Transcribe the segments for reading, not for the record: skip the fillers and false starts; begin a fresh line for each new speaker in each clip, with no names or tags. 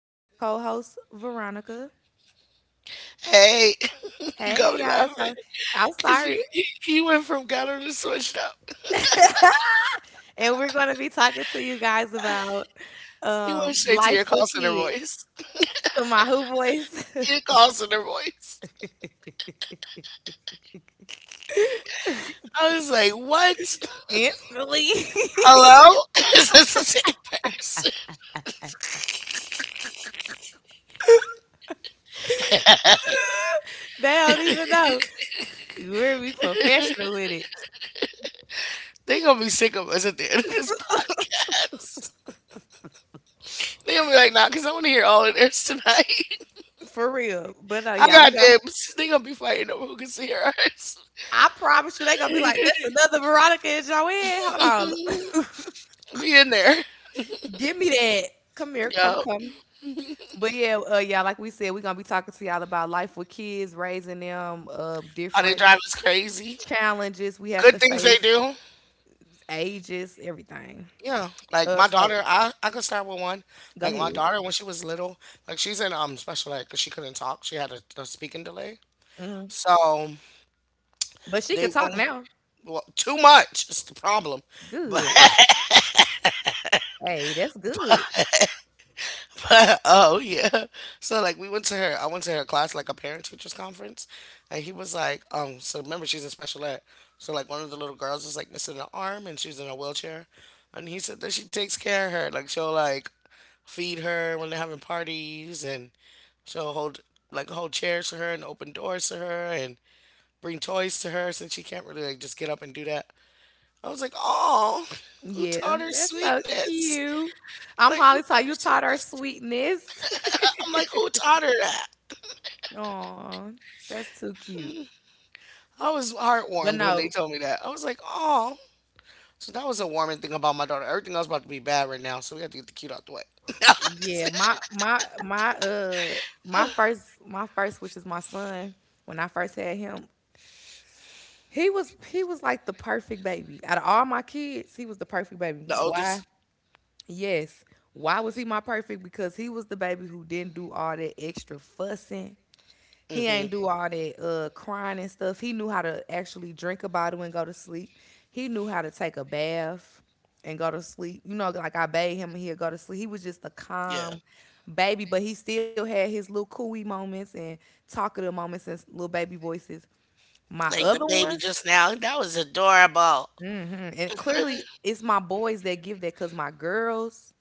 with my co host, Veronica.
Hey, you
Hey,
got me
y'all.
laughing.
I'm
'Cause you,
sorry.
you, you went from gutter to switched up.
And we're going to be talking to you guys about
You went straight to
life
your call
with
center
kids.
voice.
So, my who voice?
Your call center voice. I was like, what?
Instantly,
Hello? Is this the same person?
they don't even know. We're be professional with it
They gonna be sick of us at the end of this podcast. They gonna be like, nah, because I want to hear all of theirs tonight.
for real. But
I
yeah, we
got
go.
dibs. They gonna be fighting over who can see ours.
I promise you, they going to be like, that's another Veronica and Joanne. Hold on.
We in there.
Give me that. Come here. Come,
Yo,
come. But yeah, yeah, like we said, we're gonna be talking to y'all about life with kids, raising them,
how they
different
drive us crazy.
challenges we have
Good
to
things they
face,
do.
ages, everything.
Yeah, like
Uh,
my
so
daughter, I could start with one.
go
Like my
ahead.
daughter, when she was little, like she's in special ed because she couldn't talk. She had a speaking delay.
Hmm.
So,
But she could
they when
talk
we-
now.
well, too much is the problem. But
Good. Hey, that's good.
but oh yeah. So like we went to her. I went to her class like a parent teachers conference, and he was like. So remember she's in special ed. So like one of the little girls is like missing an arm and she's in a wheelchair, and he said that she takes care of her. Like she'll like feed her when they're having parties and so hold, like, hold chairs for her and open doors to her and bring toys to her since she can't really like just get up and do that. I was like, oh, who
Yeah,
taught her
that's so
sweetness?
cute. I'm
Like who
Holly.
taught
Taught
her
you taught her
sweetness?
sweetness.
I'm like, who taught her that?
Oh, that's too cute.
I was
But
heartwarmed when they
no,
told me that. I was like, oh. So that was a warming thing about my daughter. Everything else about to be bad right now, so we have to get the cute out the way.
yeah, my my first, which is my son. When I first had him, he was like the perfect baby. Out of all my kids, he was the perfect baby.
The
Why?
oldest.
Yes. Why was he my perfect? Because he was the baby who didn't do all that extra fussing. He ain't
Hmm.
do all that crying and stuff. He knew how to actually drink a bottle and go to sleep. He knew how to take a bath and go to sleep. You know, like I bathed him and he'd go to sleep. He was just a
Yeah.
calm baby, but he still had his little cooey moments and talkative moments and little baby voices. My
Like the
other
baby
ones,
just now. That was adorable.
mhm, and it clearly, it's my boys that give that. Cause my girls,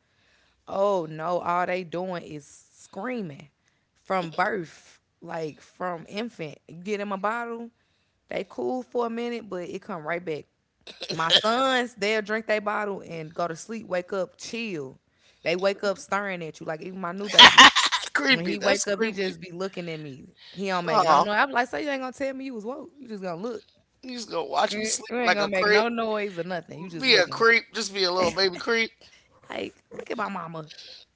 oh no, all they doing is screaming from birth, like from infant. You get them a bottle, they cool for a minute, but it come right back. My sons, they'll drink their bottle and go to sleep, wake up, chill. They wake up staring at you, like even my new baby. When
Creepy.
he
That's
wake up, he
creepy.
just be looking at me. He don't make no
Oh.
noise. I'm like, so you ain't gonna tell me you was woke. You just gonna look.
You just gonna watch me
Eh,
sleep
you ain't
like a
gonna make
creep.
no noise or nothing. You just
Be a
looking.
creep. Just be a little baby creep.
Like, look at my mama.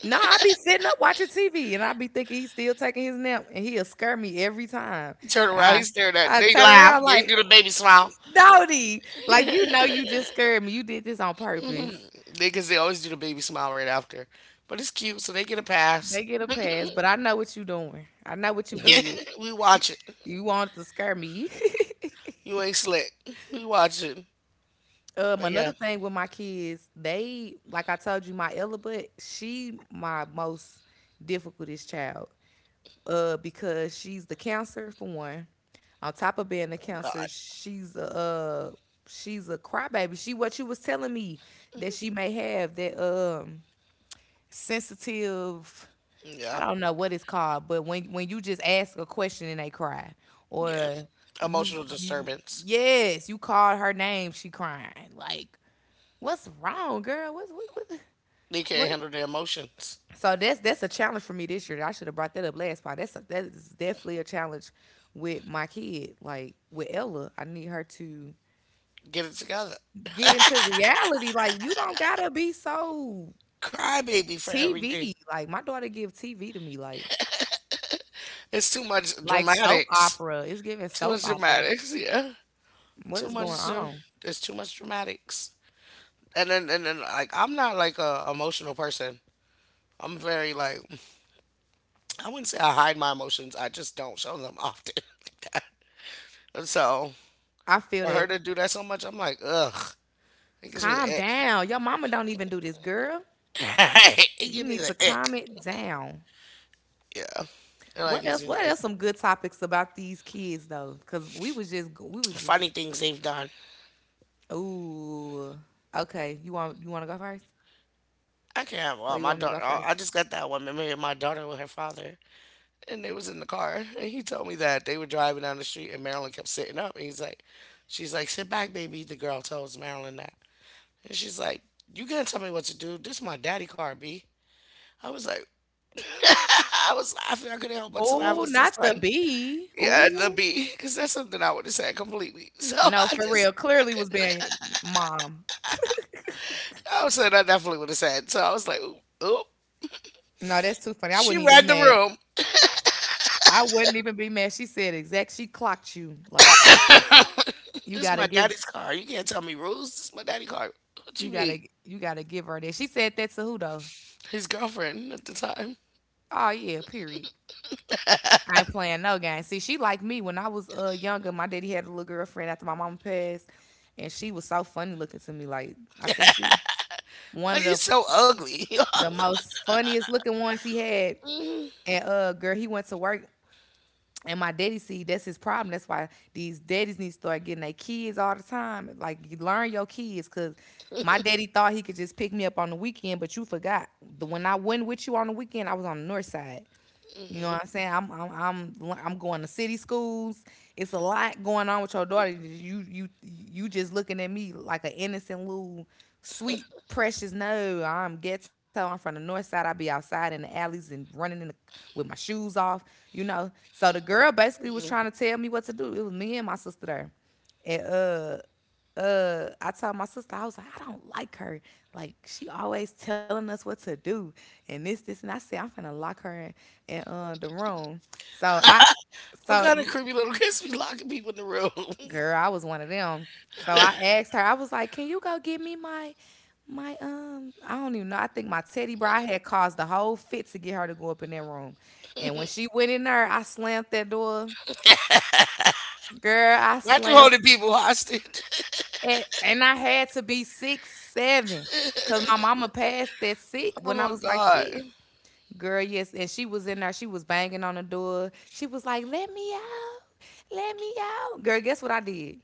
No, I be sitting up watching TV and I be thinking he's still taking his nap and he'll scare me every time.
You turn around,
I
he's staring at
I
they
turn
laugh.
around
They
like,
do the baby smile.
Dodie, like you know you just scared me. You did this on purpose.
They cause they always do the baby smile right after. But it's cute, so they get a pass.
They get a pass, but I know what you doing. I know what you did.
We watch it.
You wanted to scare me.
You ain't slick. We watch it. But yeah,
Another thing with my kids, they like I told you, my Ella, but she my most difficultest child. Uh, because she's the cancer for one. On top of being a cancer,
God.
she's a she's a crybaby. She what you was telling me that she may have that sensitive. I
Yeah.
don't know what it's called, but when you just ask a question and they cry,
Yeah.
or you
Emotional
you
disturbance.
yes you called her name, she crying. Like what's wrong, girl? What?
They can't
What?
handle their emotions.
So that's a challenge for me this year. I should have brought that up last part. That is definitely a challenge with my kid. Like with Ella, I need her to
Get it together.
get into reality. Like you don't gotta be so
Cry baby for everything.
TV. Like my daughter give TV to me. Like
It's too much
like soap
dramatics.
opera. It's giving
Too
soap
much
opera.
dramatics, yeah.
What
Too
is going
much.
on?
There's too much dramatics. And then like I'm not like a emotional person. I'm very like I wouldn't say I hide my emotions. I just don't show them often like that. And so
I feel
for her
that.
to do that so much, I'm like ugh. It gives me
Calm
the ick.
down. Your mama don't even do this, girl.
It
You
gives me
need
the
to
ick.
calm it down.
Yeah, it like
What
gives
else?
me
What
the
else?
ick.
Some good topics about these kids though, because we was just
Funny things they've done.
ooh. Okay. You want to go first?
I can't.
Oh, you
Well,
want
my
me to go
daughter. I
first?
I just got that one memory of my daughter with her father. And they was in the car, and he told me that they were driving down the street, and Marilyn kept sitting up, and he's like, she's like, sit back baby, the girl tells Marilyn that. And she's like, you can't tell me what to do, this is my daddy car, B. I was like, I was laughing, I couldn't help but to laugh,
Oh,
because that's
not the
like,
bee.
yeah, the
Ooh.
B, because that's something I would have said completely. So
No, for real. Clearly was being mom.
I was saying I definitely would have said, so I was like, oop, oop.
No, that's too funny. I
She
wouldn't even been
read the
mad.
room.
I wouldn't even be mad. She said exact. She clocked you. Like you
This is
gotta
my
give
daddy's car, you can't tell me rules, this is my daddy car. What
you
you mean?
gotta you gotta give her that. She said that to who though?
His girlfriend at the time.
Oh yeah. Period. I ain't playing no game. See, she like me when I was younger. My daddy had a little girlfriend after my mom passed, and she was so funny looking to me. Like I think she
Why
one
you
of
so ugly?
the most funniest looking ones he had.
Mm,
And girl, he went to work, and my daddy see that's his problem. That's why these daddies need to start getting their kids all the time. Like you learn your kids, cause my daddy thought he could just pick me up on the weekend, but you forgot. The when I went with you on the weekend, I was on the north side. You know
mm,
what I'm saying? I'm I'm going to city schools. It's a lot going on with your daughter. You just looking at me like an innocent little sweet precious. No, I'm ghetto. I'm from the north side. I be outside in the alleys and running in the with my shoes off. You know. So the girl basically was
mm.
trying to tell me what to do. It was me and my sister there. And I told my sister, I was like, I don't like her. Like she always telling us what to do and this, and I said, I'm finna lock her in the room. So I,
What kind of
so
creepy little kids be locking people in the room?
girl, I was one of them. So I asked her, I was like, can you go get me my I don't even know. I think my teddy bear I had caused the whole fit to get her to go up in that room. And when she went in there, I slammed that door. Girl, I
Not you
slammed.
holding people hostage.
And I had to be six, seven, because my mama passed at 6
Oh
when I
my
was like 6.
god.
Girl, yes. And she was in there. She was banging on the door. She was like, let me out. Let me out. Girl, guess what I did?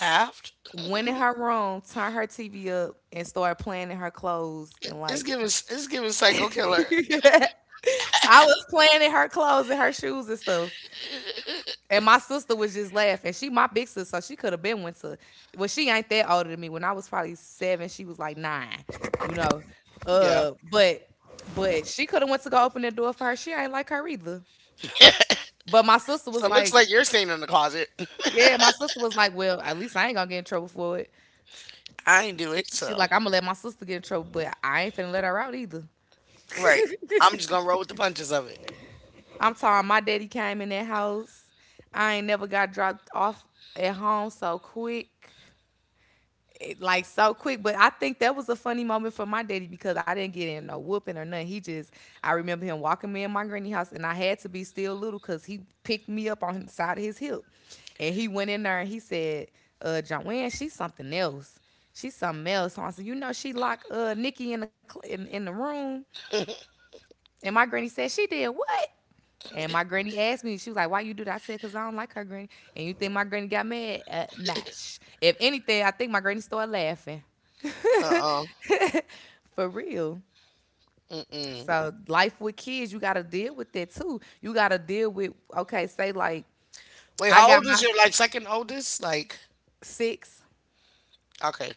Laughed.
Went in her room, turned her TV up, and started playing in her clothes.
It-
And
It's
like,
giving it's giving psycho killer.
I was playing in her clothes and her shoes and stuff. And my sister was just laughing. She my big sister, so she could have been one to. Well, she ain't that older than me. When I was probably seven, she was like nine. You know,
Yeah.
uh, but but she could have went to go open the door for her. She ain't like her either. But my sister
So
was
it looks
like,
like you're staying in the closet.
yeah, my sister was like, well, at least I ain't gonna get in trouble for it.
I ain't do it,
She
so
like, I'm gonna let my sister get in trouble, but I ain't finna let her out either.
right. I'm just gonna roll with the punches of it.
I'm talking. My daddy came in that house. I ain't never got dropped off at home so quick. Like so quick. But I think that was a funny moment for my daddy because I didn't get in no whooping or nothing. He just I remember him walking me in my granny house and I had to be still little because he picked me up on the side of his hip. And he went in there and he said, Joanne, she's something else. She's something else. So I said, you know, she locked Nikki in the in the room. And my granny said, she did what? And my granny asked me, she was like, "Why you do that?" I said, "Cause I don't like her granny." And you think my granny got mad? Nah. If anything, I think my granny started laughing.
Uh-uh. Uh.
For real.
Mm mm.
So life with kids, you gotta deal with that too. You gotta deal with okay, say like
Wait,
I
how
got
old is
my
your like second oldest? Like
six.
okay.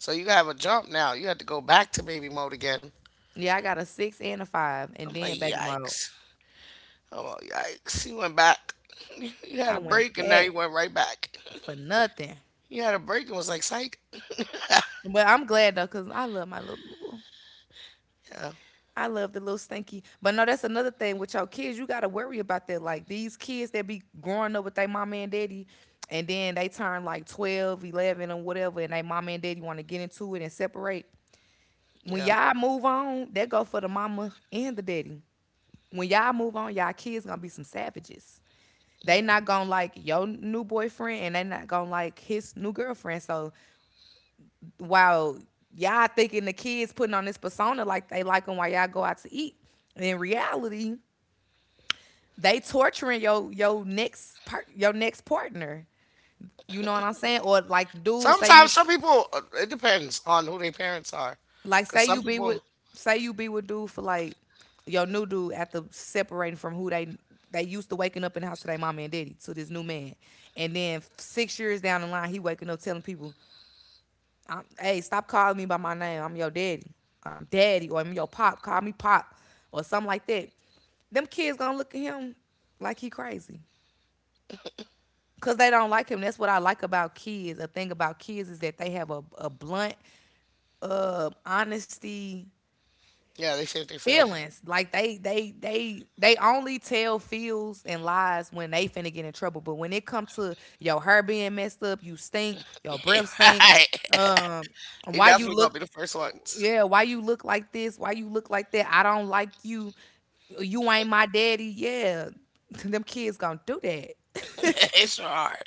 So you have a jump now. You have to go back to baby mode again.
Yeah, I got a six and a five, and
I'm like,
then baby mama.
yikes. Oh, yikes. He went back. You had
I
a
went
break and now
back
you went right back.
for nothing.
You had a break and was like, psych.
But I'm glad though, cause I love my little boo.
Yeah,
I love the little stinky. But no, that's another thing with y'all kids. You gotta worry about that. Like these kids that be growing up with their mama and daddy, and then they turn like 12, 11, or whatever, and they mama and daddy want to get into it and separate. When
yeah.
y'all move on, that go for the mama and the daddy. When y'all move on, y'all kids gonna be some savages. They not gonna like your new boyfriend, and they not gonna like his new girlfriend. So while y'all thinking the kids putting on this persona like they like them while y'all go out to eat, in reality, they torturing your next partner. You know what I'm saying? Or like dude,
Sometimes some people, it depends on who their parents are.
like
Because
say
some
you be with
people,
say you be with dude for like your new dude after separating from who they used to waking up in the house to their mama and daddy to this new man. And then 6 years down the line he waking up telling people, hey, stop calling me by my name. I'm your daddy. I'm daddy or I'm your pop. Call me pop or something like that, them kids gonna look at him like he crazy. Cause they don't like him. That's what I like about kids. The thing about kids is that they have a blunt, honesty
yeah, they say what they feel.
feelings. Like they only tell feels and lies when they finna get in trouble. But when it comes to your hair being messed up, you stink, your breath stink.
Right.
Um,
They
why you
definitely gonna
look?
be the first ones.
Yeah, why you look like this? Why you look like that? I don't like you. You ain't my daddy. Yeah, them kids gonna do that.
They sure are.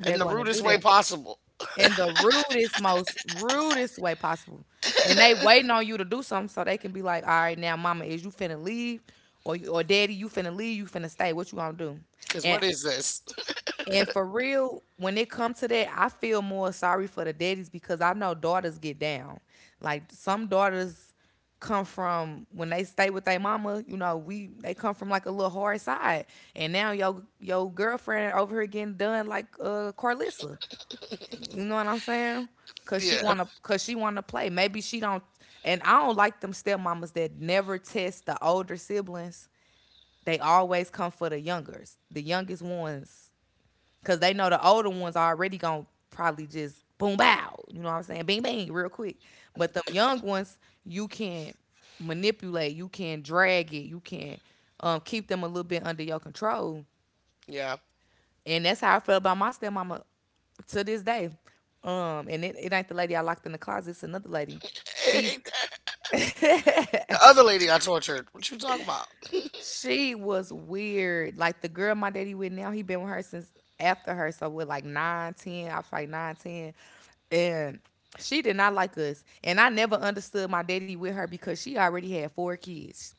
They're
In the
gonna
rudest
do
way
that.
possible.
In the rudest, most rudest way possible. And they waiting on you to do something so they can be like, all right, now mama, is you finna leave? Or daddy, you finna leave, you finna stay. What you gonna do?
Because
And
what is this?
and for real, when it comes to that, I feel more sorry for the daddies because I know daughters get down. Like some daughters come from when they stay with their mama, you know, we they come from like a little hard side. And now your girlfriend over here getting done like Carlissa. You know what I'm saying?
Yeah,
Cause she wanna play. Maybe she don't. And I don't like them stepmamas that never test the older siblings. They always come for the youngers, the youngest ones, cause they know the older ones are already gonna probably just boom bow. You know what I'm saying? Bing bang, real quick. But them young ones, you can manipulate. You can drag it. You can keep them a little bit under your control.
yeah.
And that's how I felt about my stepmama to this day. And it ain't the lady I locked in the closet, it's another lady. She's
The other lady I tortured, what you talking about?
she was weird. Like the girl my daddy with now, he been with her since after her. So we're like nine, ten, I was like nine, ten. And she did not like us. And I never understood my daddy with her because she already had four kids.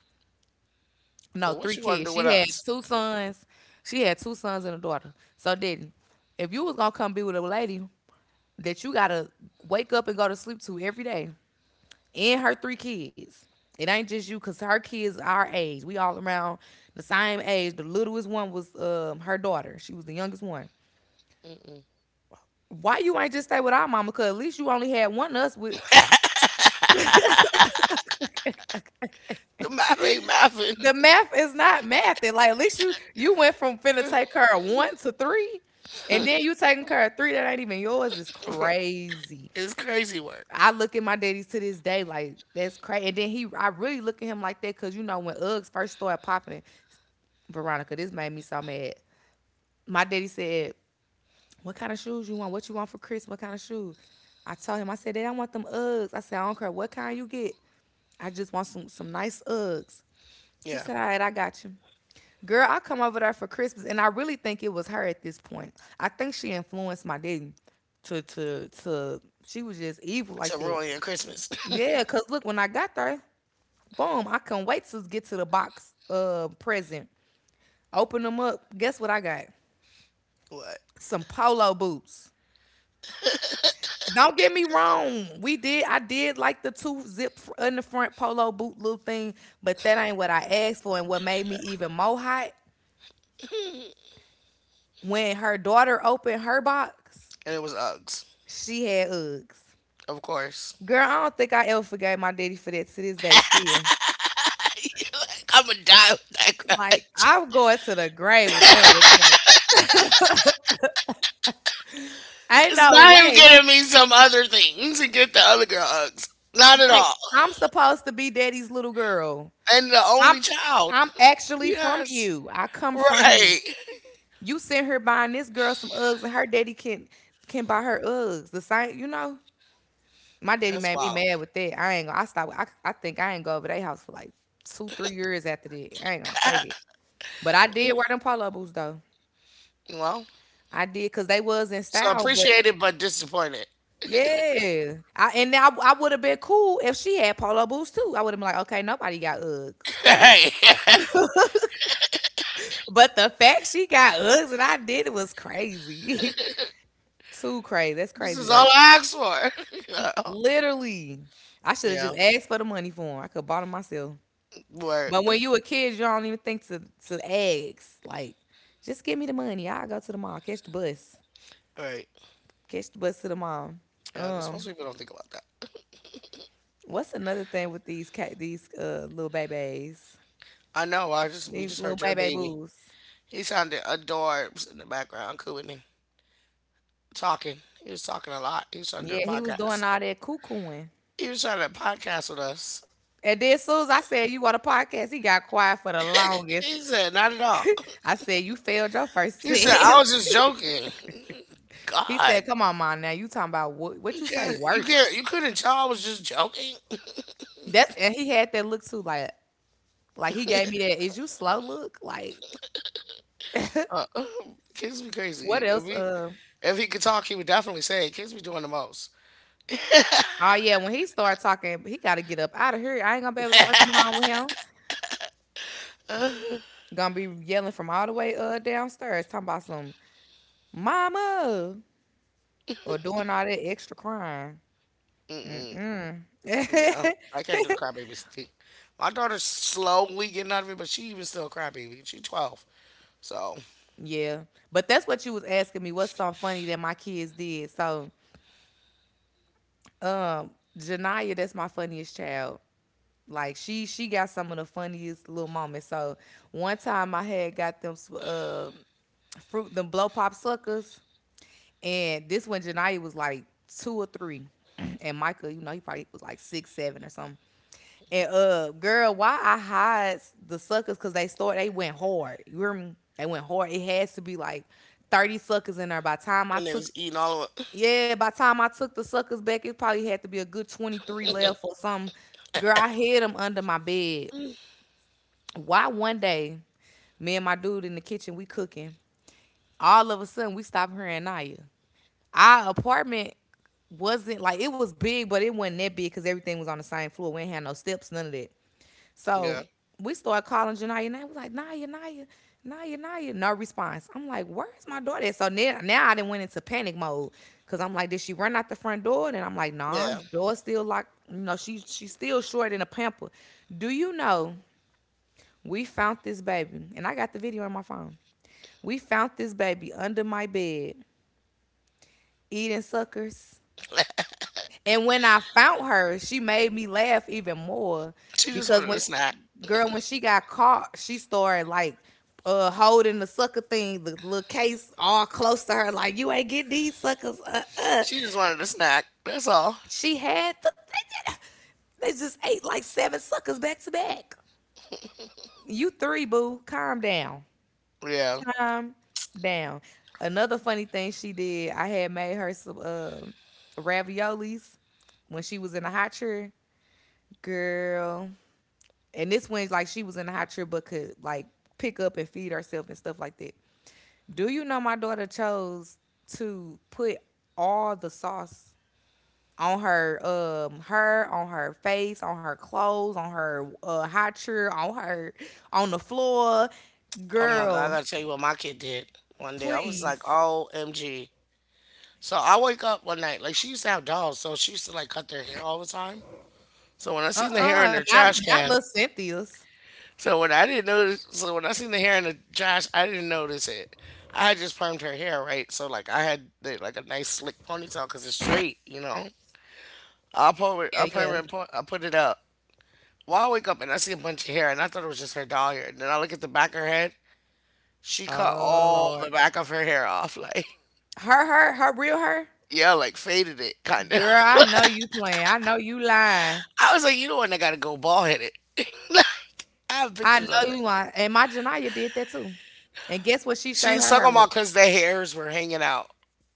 No,
So what
three
you want to
kids.
do with
She had
us?
two sons. She had two sons and a daughter. So didn't. If you was gonna come be with a lady that you gotta wake up and go to sleep to every day, and her three kids. It ain't just you, cause her kids are our age. We all around the same age. The littlest one was her daughter. She was the youngest one.
Mm-mm.
Why you ain't just stay with our mama? Cause at least you only had one of us with.
The math ain't
The math is not math. And like at least you went from finna
mathing.
take care of one to three, and then you taking care of three that ain't even yours. Is crazy.
It's crazy work.
I look at my daddies to this day like that's crazy. And then he, I really look at him like that because you know when Uggs first started popping, Veronica, this made me so mad. My daddy said, "What kind of shoes you want? What you want for Christmas? What kind of shoes?" I told him, I said, "Dad, I want them Uggs." I said, "I don't care what kind you get. I just want some nice Uggs." He
Yeah.
said, "All right, I got you." Girl, I come over there for Christmas, and I really think it was her at this point. I think she influenced my daddy to. She was just evil like
To
that.
ruin your Christmas.
Yeah, cause look, when I got there, boom, I couldn't wait to get to the box present. Open them up. Guess what I got?
What?
Some polo boots. Don't get me wrong. We did. I did like the two zip in the front polo boot little thing, but that ain't what I asked for. And what made me even more hot when her daughter opened her box,
And it was Uggs,
she had Uggs.
of course.
Girl, I don't think I ever forgave my daddy for that to this day. Still,
You're like, I'm gonna die with that
like
grudge.
I'm going to the grave with that with her. Ain't
Cause
no
now him
way.
getting me some other things and get the other girl Uggs. Not at
Like
all.
I'm supposed to be daddy's little girl.
And the
I'm
only child.
I'm actually from
Yes.
you. I come from you.
Right.
You sent her buying this girl some Uggs, and her daddy can buy her Uggs. The same, you know. My daddy
That's
made me
wild.
mad with that. I ain't gonna. I stopped. I think I ain't go over their house for like two, 3 years after that. I ain't gonna fake it. But I did wear them polo boots though.
Well,
I did because they was in
so
style. But
appreciated but disappointed.
yeah, I and now I would have been cool if she had polo boots too. I would have been like, okay, nobody got Uggs, cool.
Hey.
But the fact she got Uggs and I did it was crazy. Too crazy. That's
This
crazy
is all
work.
I asked for.
Literally. I should have
Yeah.
just asked for the money for him. I could have bought him myself.
Word.
But
Right.
when you a kid, you don't even think to ask. Like, just give me the money. I'll go to the mall. Catch the bus.
Right.
Catch the bus to the mall.
Yeah, because most
Um,
people don't think about that.
what's another thing with these cat these little babies?
I know. I just We
These
just
little
heard your
baby
baby.
boos.
He sounded adorbs in the background, couldn't he? Talking. He was talking a lot. He was trying to do the
Yeah, he was doing
podcast.
all that cuckooing.
He was trying to podcast with us.
And then as soon as I said you want a podcast, he got quiet for the longest.
He said, "Not at all."
I said, "You failed your first
He said, "I
test."
was just joking."
He said,
God,
"Come on, mom, now you talking about what
you
you say
can't. You
work."
can't. You couldn't tell I was just joking.
That's and he had that look too, like he gave me that is you slow look? Like
Uh, kids be
what
crazy.
else? Uh
If he could talk, he would definitely say, it. "Kids be doing the most."
oh yeah, when he started talking, he gotta get up out of here. I ain't gonna be able to work from home with him.
Uh,
Gonna be yelling from all the way downstairs, talking about some mama or doing all that extra crying.
mm-mm.
Mm.
Yeah, I can't do the crybaby stick. My daughter's slowly getting out of it, but she even still a crybaby. She 12, so
yeah. But that's what you was asking me. What's something funny that my kids did? So um Janaya, that's my funniest child. Like she got some of the funniest little moments. So one time I had got them fruit them blow pop suckers, and this when Janaya was like two or three, and Micah, you know, he probably was like 6 7 or something. And girl, why I hide the suckers? Cause they went hard. You hear me? They went hard. It has to be like 30 suckers in there. By the time I
and it
took
was eating all of it.
yeah, by the time I took the suckers back, it probably had to be a good 23 left or something. Girl, I hid them under my bed. Why one day, me and my dude in the kitchen, we cooking. All of a sudden, we stop hearing Naya. Our apartment wasn't like it was big, but it wasn't that big because everything was on the same floor. We ain't had no steps, none of that.
Yeah,
So we started calling Janaya and I was like, Naya, Naya, Naya, Naya. No response. I'm like, where's my daughter? At? So now I didn't went into panic mode because I'm like, did she run out the front door? And I'm like, nah, the
yeah.
door's still locked. You know, she's still short in a pamper. Do you know we found this baby, and I got the video on my phone. We found this baby under my bed eating suckers. And when I found her, she made me laugh even more
She just
because
wanted
when
a snack.
girl, when she got caught, she started like holding the sucker thing, the little case all close to her, like you ain't getting these suckers.
She just wanted a snack. That's all.
She had the they just ate like seven suckers back to back. You three, boo, calm down.
Yeah.
Time down. Another funny thing she did, I had made her some raviolis when she was in a hot chair, girl. And this one's like she was in a hot chair but could like pick up and feed herself and stuff like that. Do you know my daughter chose to put all the sauce on her her on her face on her clothes on her hot chair on her on the floor
Oh my god, I
girl
gotta tell you what my kid did one day. I was like,
please.
OMG. So I wake up one night, like she used to have dolls, so she used to like cut their hair all the time. So when I seen the hair in
Uh-uh,
the
not
trash
not
can,
little Cynthia's.
so when I didn't notice, so when I seen the hair in the Josh, I didn't notice it. I had just permed her hair, right? So, like, I had the, like a nice slick ponytail because it's straight, you know. I pull it, I
Yeah,
perm it,
yeah.
and I put it up. Well, I wake up and I see a bunch of hair, and I thought it was just her doll hair. And then I look at the back of her head. She cut
Oh
all
Lord.
the back of her hair off, like
Her real her?
yeah, like faded it kind of.
Girl, I know you playing. I know you lying.
I was like, you know what? I gotta go bald headed. Like I have
I
pictures of
know
it.
you lying. And my Janaya did that too. And guess what she
She
showed
was
her
talking
hair
about
with?
because the hairs were hanging out.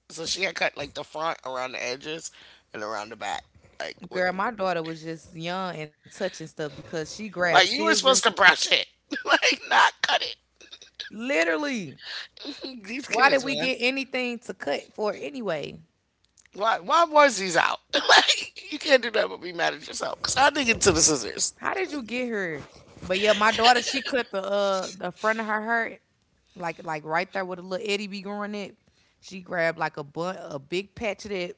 So she had cut like the front around the edges and around the back. Like, what,
Girl, my daughter was just young and touching stuff because she grabbed
like you were
scissors.
supposed to brush it, like not cut it.
Literally.
These
Why
kids,
did we
man.
get anything to cut for anyway?
Why was these out? Like, you can't do that but be mad at yourself. Cause I dig into the scissors.
How did you get her? But yeah, my daughter, she cut the front of her hair like right there with a little Eddie be growing it. She grabbed like a bun, a big patch of that,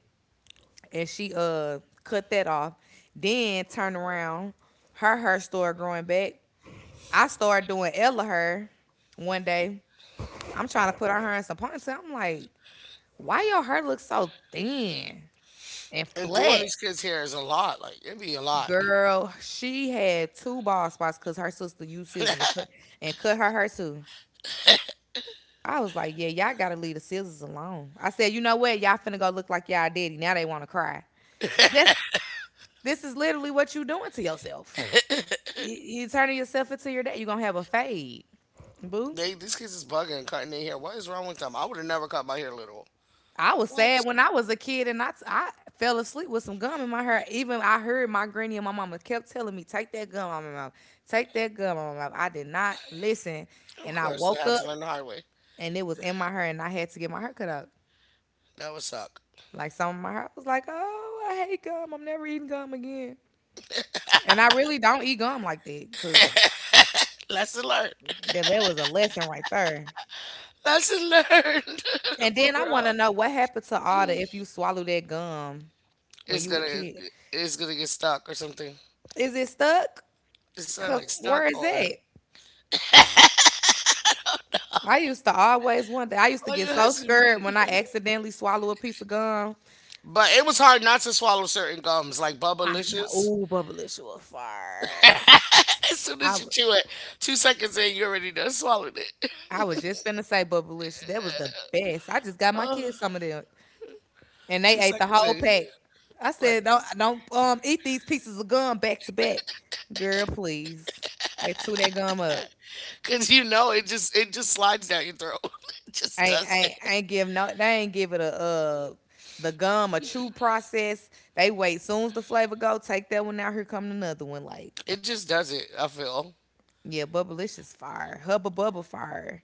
and she cut that off. Then turned around, her hair started growing back. I started doing Ella hair one day. I'm trying to put her hair in some ponytail. I'm like, why your hair looks so thin and
And doing
flat?
these kids' hair is a lot. Like, it be a lot.
Girl, she had two bald spots because her sister used scissors and cut her hair too. I was like, yeah, y'all gotta leave the scissors alone. I said, you know what? Y'all finna go look like y'all daddy. Now they wanna cry. This this is literally what you doing to yourself. You, you turning yourself into your dad. You're gonna have a fade. Boo.
They these kids is bugging and cutting their hair. What is wrong with them? I would have never cut my hair little.
I was sad
What?
when I was a kid and I fell asleep with some gum in my hair. Even I heard my granny and my mama kept telling me, take that gum out of my mouth. Take that gum out of my mouth. I did not listen.
Of
And I
course, I
woke
had
up
to learn the hard way.
and it was in my hair and I had to get my hair cut out.
That would suck.
Like some of my heart was like, oh, I hate gum. I'm never eating gum again. And I really don't eat gum like that because
Lesson learned.
that was a lesson right there.
Lesson learned.
And
For
then I want to
real.
know what happened to all the
Mm.
if you swallow that gum when
it's
you a
gonna
kid.
it's gonna get stuck or something.
Is it stuck?
It sound
Cause
like
where
stuck
is
or
that? I used to always wonder. I used to
oh
get
yeah, it
so
has to
scared when
be.
I accidentally swallow a piece of gum.
But it was hard not to swallow certain gums like
I know,
Bubblicious.
ooh, Bubblicious was fire.
As soon
I,
as you
w-
chew it, 2 seconds in, you already done swallowed it.
I was just finna say Bubblicious. That was the best. I just got my
Oh,
kids some of them and they
two
ate the
seconds
whole
in,
pack. I
like,
said, don't eat these pieces of gum back to back, girl. Please, they chew that gum up.
cause you know it just slides down your throat. It just
I ain't, I
does
ain't, I
it.
ain't give no. They ain't give it a the gum a chew process. They wait soon as the flavor go, take that one out. Here come another one. Like
It just does it. I feel.
yeah, Bubblicious fire, Hubba Bubba fire.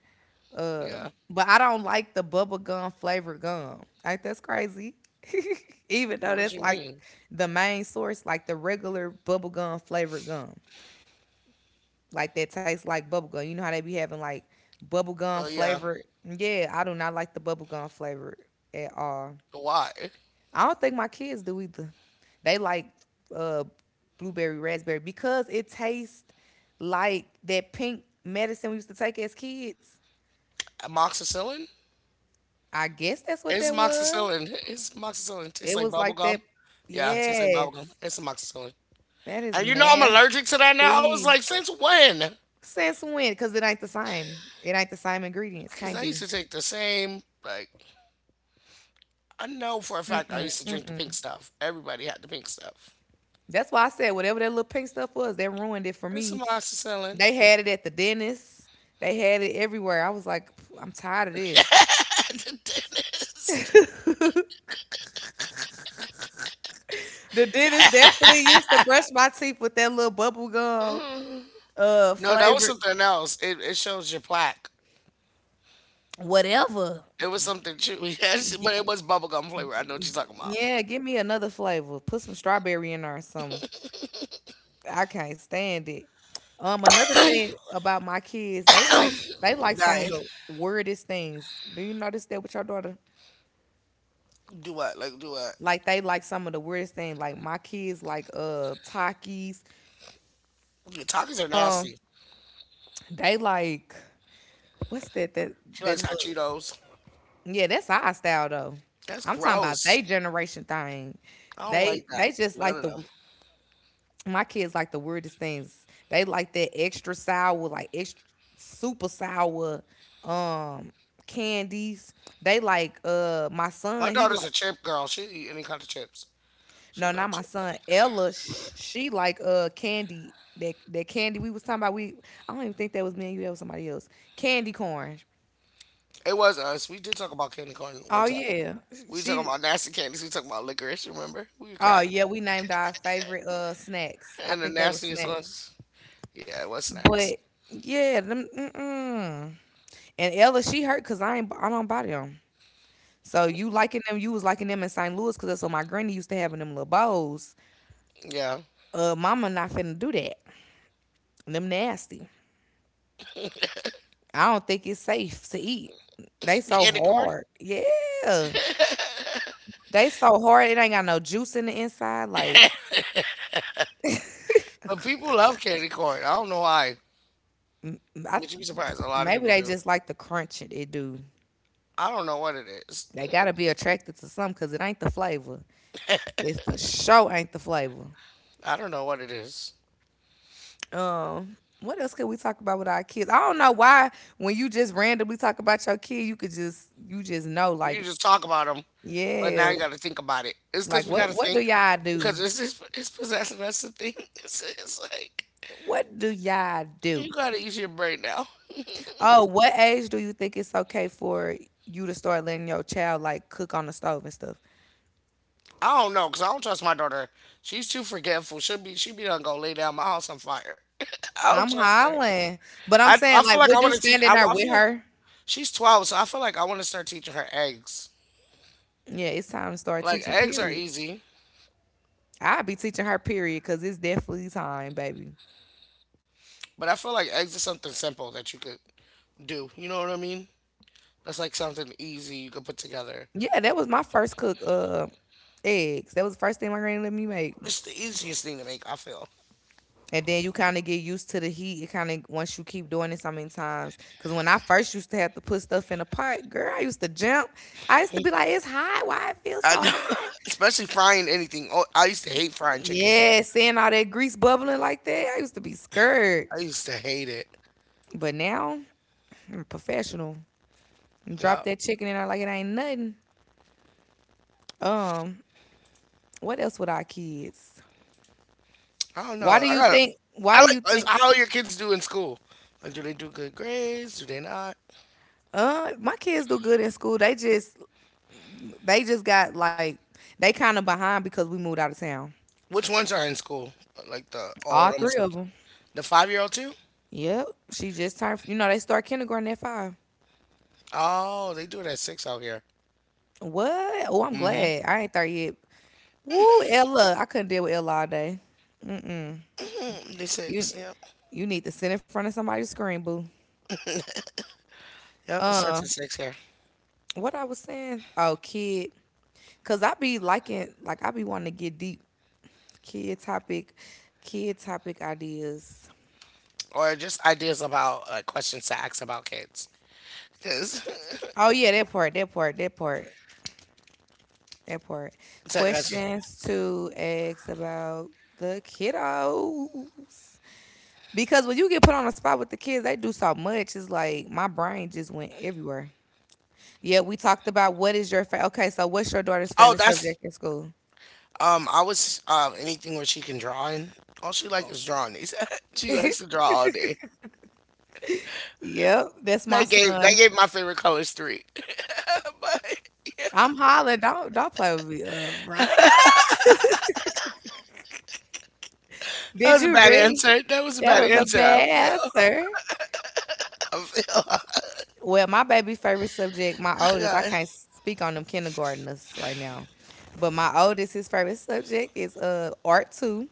Uh,
Yeah.
but I don't like the bubble gum flavored gum. Like that's crazy. Even though
What
that's
you
like
mean?
the main source, like the regular bubble gum flavored gum. Like that tastes like bubble gum. You know how they be having like bubble gum
Oh yeah.
flavored. Yeah, I do not like the bubble gum flavored at all.
Why?
I don't think my kids do either. They like uh blueberry raspberry because it tastes like that pink medicine we used to take as kids.
Amoxicillin?
I guess that's what
It's
that was.
amoxicillin. It's amoxicillin.
It
Tastes
was
like
like
bubble
that.
gum. Yeah, it tastes like
Yes,
bubble gum. It's amoxicillin.
that is
And you know I'm allergic to that now. I was like,
nasty.
since when?
Since when? Because it ain't the same. It ain't the same ingredients.
Because
Can't
I used
be.
to take the same. Like I know for a fact I
Mm-mm,
used to drink the pink
mm-mm.
stuff. Everybody had the pink stuff.
That's why I said whatever that little pink stuff was, that ruined it for
It's
me.
amoxicillin.
They had it at the dentist. They had it everywhere. I was like, "Pff, I'm tired of this.
At the dentist.
The dentist definitely used to brush my teeth with that little bubble gum
Mm. No, that was
flavored
something else. It shows your plaque.
whatever.
It was something chewy, yes,
G-
but it was bubblegum flavor. I know what you're talking about.
yeah, give me another flavor. Put some strawberry in there or something. I can't stand it. Another thing about my kids, they like some of
Dying.
the weirdest things. Do you notice that with your daughter?
Do what? Like, do what?
Like they like some of the weirdest things. Like my kids like Takis.
Your talkies are
Um,
nasty.
they like what's that that
She
that
likes hot
look?
Cheetos.
Yeah, that's our style though.
That's
I'm talking about
gross.
they generation thing.
I don't
They
like
they
that.
just
None
like
of
the
them.
my kids like the weirdest things. They like that extra sour, like extra super sour um candies. They like my
My
son, he
daughter's
like
a chip girl. She eat any kind of chips.
no, not
She
my
love
son.
chips.
Ella, she like candy that candy we was talking about. We I don't even think that was me and you. That was somebody else. Candy corn.
It was us. We did talk about candy corn one
Oh
time.
yeah,
We talking
she.
about nasty candies. We talking about licorice. Remember? We were
Oh
cracking
yeah,
up.
we named our favorite snacks. I
And the
think that was
nastiest
snacks.
ones. Yeah, it was snacks.
But yeah, them. Mm-mm. And Ella, she hurt because I don't buy them. So you liking them, you was liking them in St. Louis because that's what my granny used to have in them little bowls.
Yeah,
Mama not finna do that. Them nasty. I don't think it's safe to eat. They so
candy corn.
hard. Yeah, they so hard. It ain't got no juice in the inside. Like
But people love candy corn. I don't know why.
I,
But you'd be surprised. A lot of
maybe
people
they
do.
just like the crunch it do.
I don't know what it is.
They gotta be attracted to something because it ain't the flavor. It for sure ain't the flavor.
I don't know what it is.
Um, what else could we talk about with our kids? I don't know why when you just randomly talk about your kid, you could just you just know like,
You just talk about them. But now
yeah,
you got to think about it. It's
like
because we got
what
to
what do
think
y'all
because
do?
it's possessing us to think. It's like
What do y'all do?
you got to use your brain now.
Oh, what age do you think it's okay for you to start letting your child like cook on the stove and stuff?
I don't know because I don't trust my daughter. She's too forgetful. She be done go lay down my house on fire. I don't
I'm
trust her.
hollering, but I'm
I
saying
feel
like,
like I
would you
want to teach.
stand
I,
in there
I feel
with
like
her?
she's 12, so I feel like I want to start teaching her eggs.
Yeah, it's time to start
Like
teaching.
eggs are
Period.
easy,
I'll be teaching her. Period, because it's definitely time, baby.
but I feel like eggs is something simple that you could do. You know what I mean? That's like something easy you could put together.
Yeah, that was my first cook. Eggs. That was the first thing my granny let me make.
It's the easiest thing to make. I feel.
And then you kind of get used to the heat. It kind of once you keep doing it so many times. Cause when I first used to have to put stuff in a pot, girl, I used to jump. I used to be like, "It's hot. Why it feels so
I know,
hot?"
especially frying anything. Oh, I used to hate frying chicken.
Yeah, seeing all that grease bubbling like that, I used to be scared.
I used to hate it.
But now I'm professional. Drop
Yeah,
that chicken in there like it ain't nothing. Um, what else with our kids?
I don't
Why
know.
do
I
you
got.
think?
I
Why do
like
you
it's
think?
how your kids do in school. Like, do they do good grades? Do they not?
My kids do good in school. They just got like they kind of behind because we moved out of town.
Which ones are in school? Like the all of
All
them
three of
except
them.
the 5-year old too.
Yep. She just turned. You know they start kindergarten at five.
Oh, they do it at six out here.
What? Oh, I'm
Mm-hmm.
glad I ain't there yet. Woo, Ella. I couldn't deal with Ella all day.
Mm, they
You,
six. Yep.
you need to sit in front of somebody's screen, boo.
Yep. It starts at six here.
What I was saying? Oh, kid. Cause I be liking, like I be wanting to get deep kid topic, kid topic ideas.
Or just ideas about like questions to ask about kids. Cause,
Oh yeah, that part, that part, that part. That part.
it's like,
Questions to ask about the kiddos. Because when you get put on the spot with the kids, they do so much. It's like my brain just went everywhere. Yeah, we talked about what is your favorite. Okay, so what's your daughter's
oh,
favorite
that's
subject in school?
I was, anything where she can draw in. All she like is drawing. Is she likes to draw all day.
Yep, that's my
That gave that
son.
gave my favorite colors three. but
I'm hollering. Don't play with me, Veronica.
that
Did
was a
you
bad
really?
answer. That was a
That
bad
was a
answer. I
bad
feel.
answer.
I feel.
Well, my baby favorite subject, my oldest, I
Yeah,
can't speak on them kindergartners right now. But my oldest, his favorite subject is art too.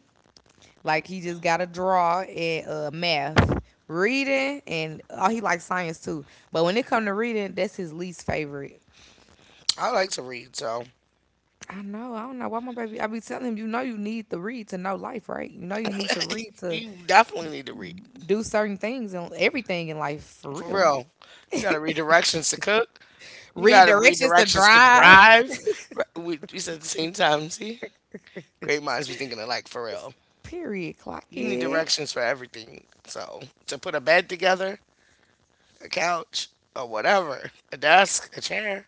Like he just gotta draw and math. Reading and oh he likes science too. But when it come to reading, that's his least favorite.
I like to read, so
I know, I don't know why my baby I be telling him, you know you need to read to know life, right? You know you need to read to
you definitely need to read
do certain things and everything in life for
for
real.
real. You gotta read directions to cook. You
Read
gotta read
directions to
directions to
drive.
drive. We said at the same time. See, great minds be thinking alike for real.
Period. Clock
You need
it.
directions for everything. So to put a bed together, a couch, or whatever, a desk, a chair.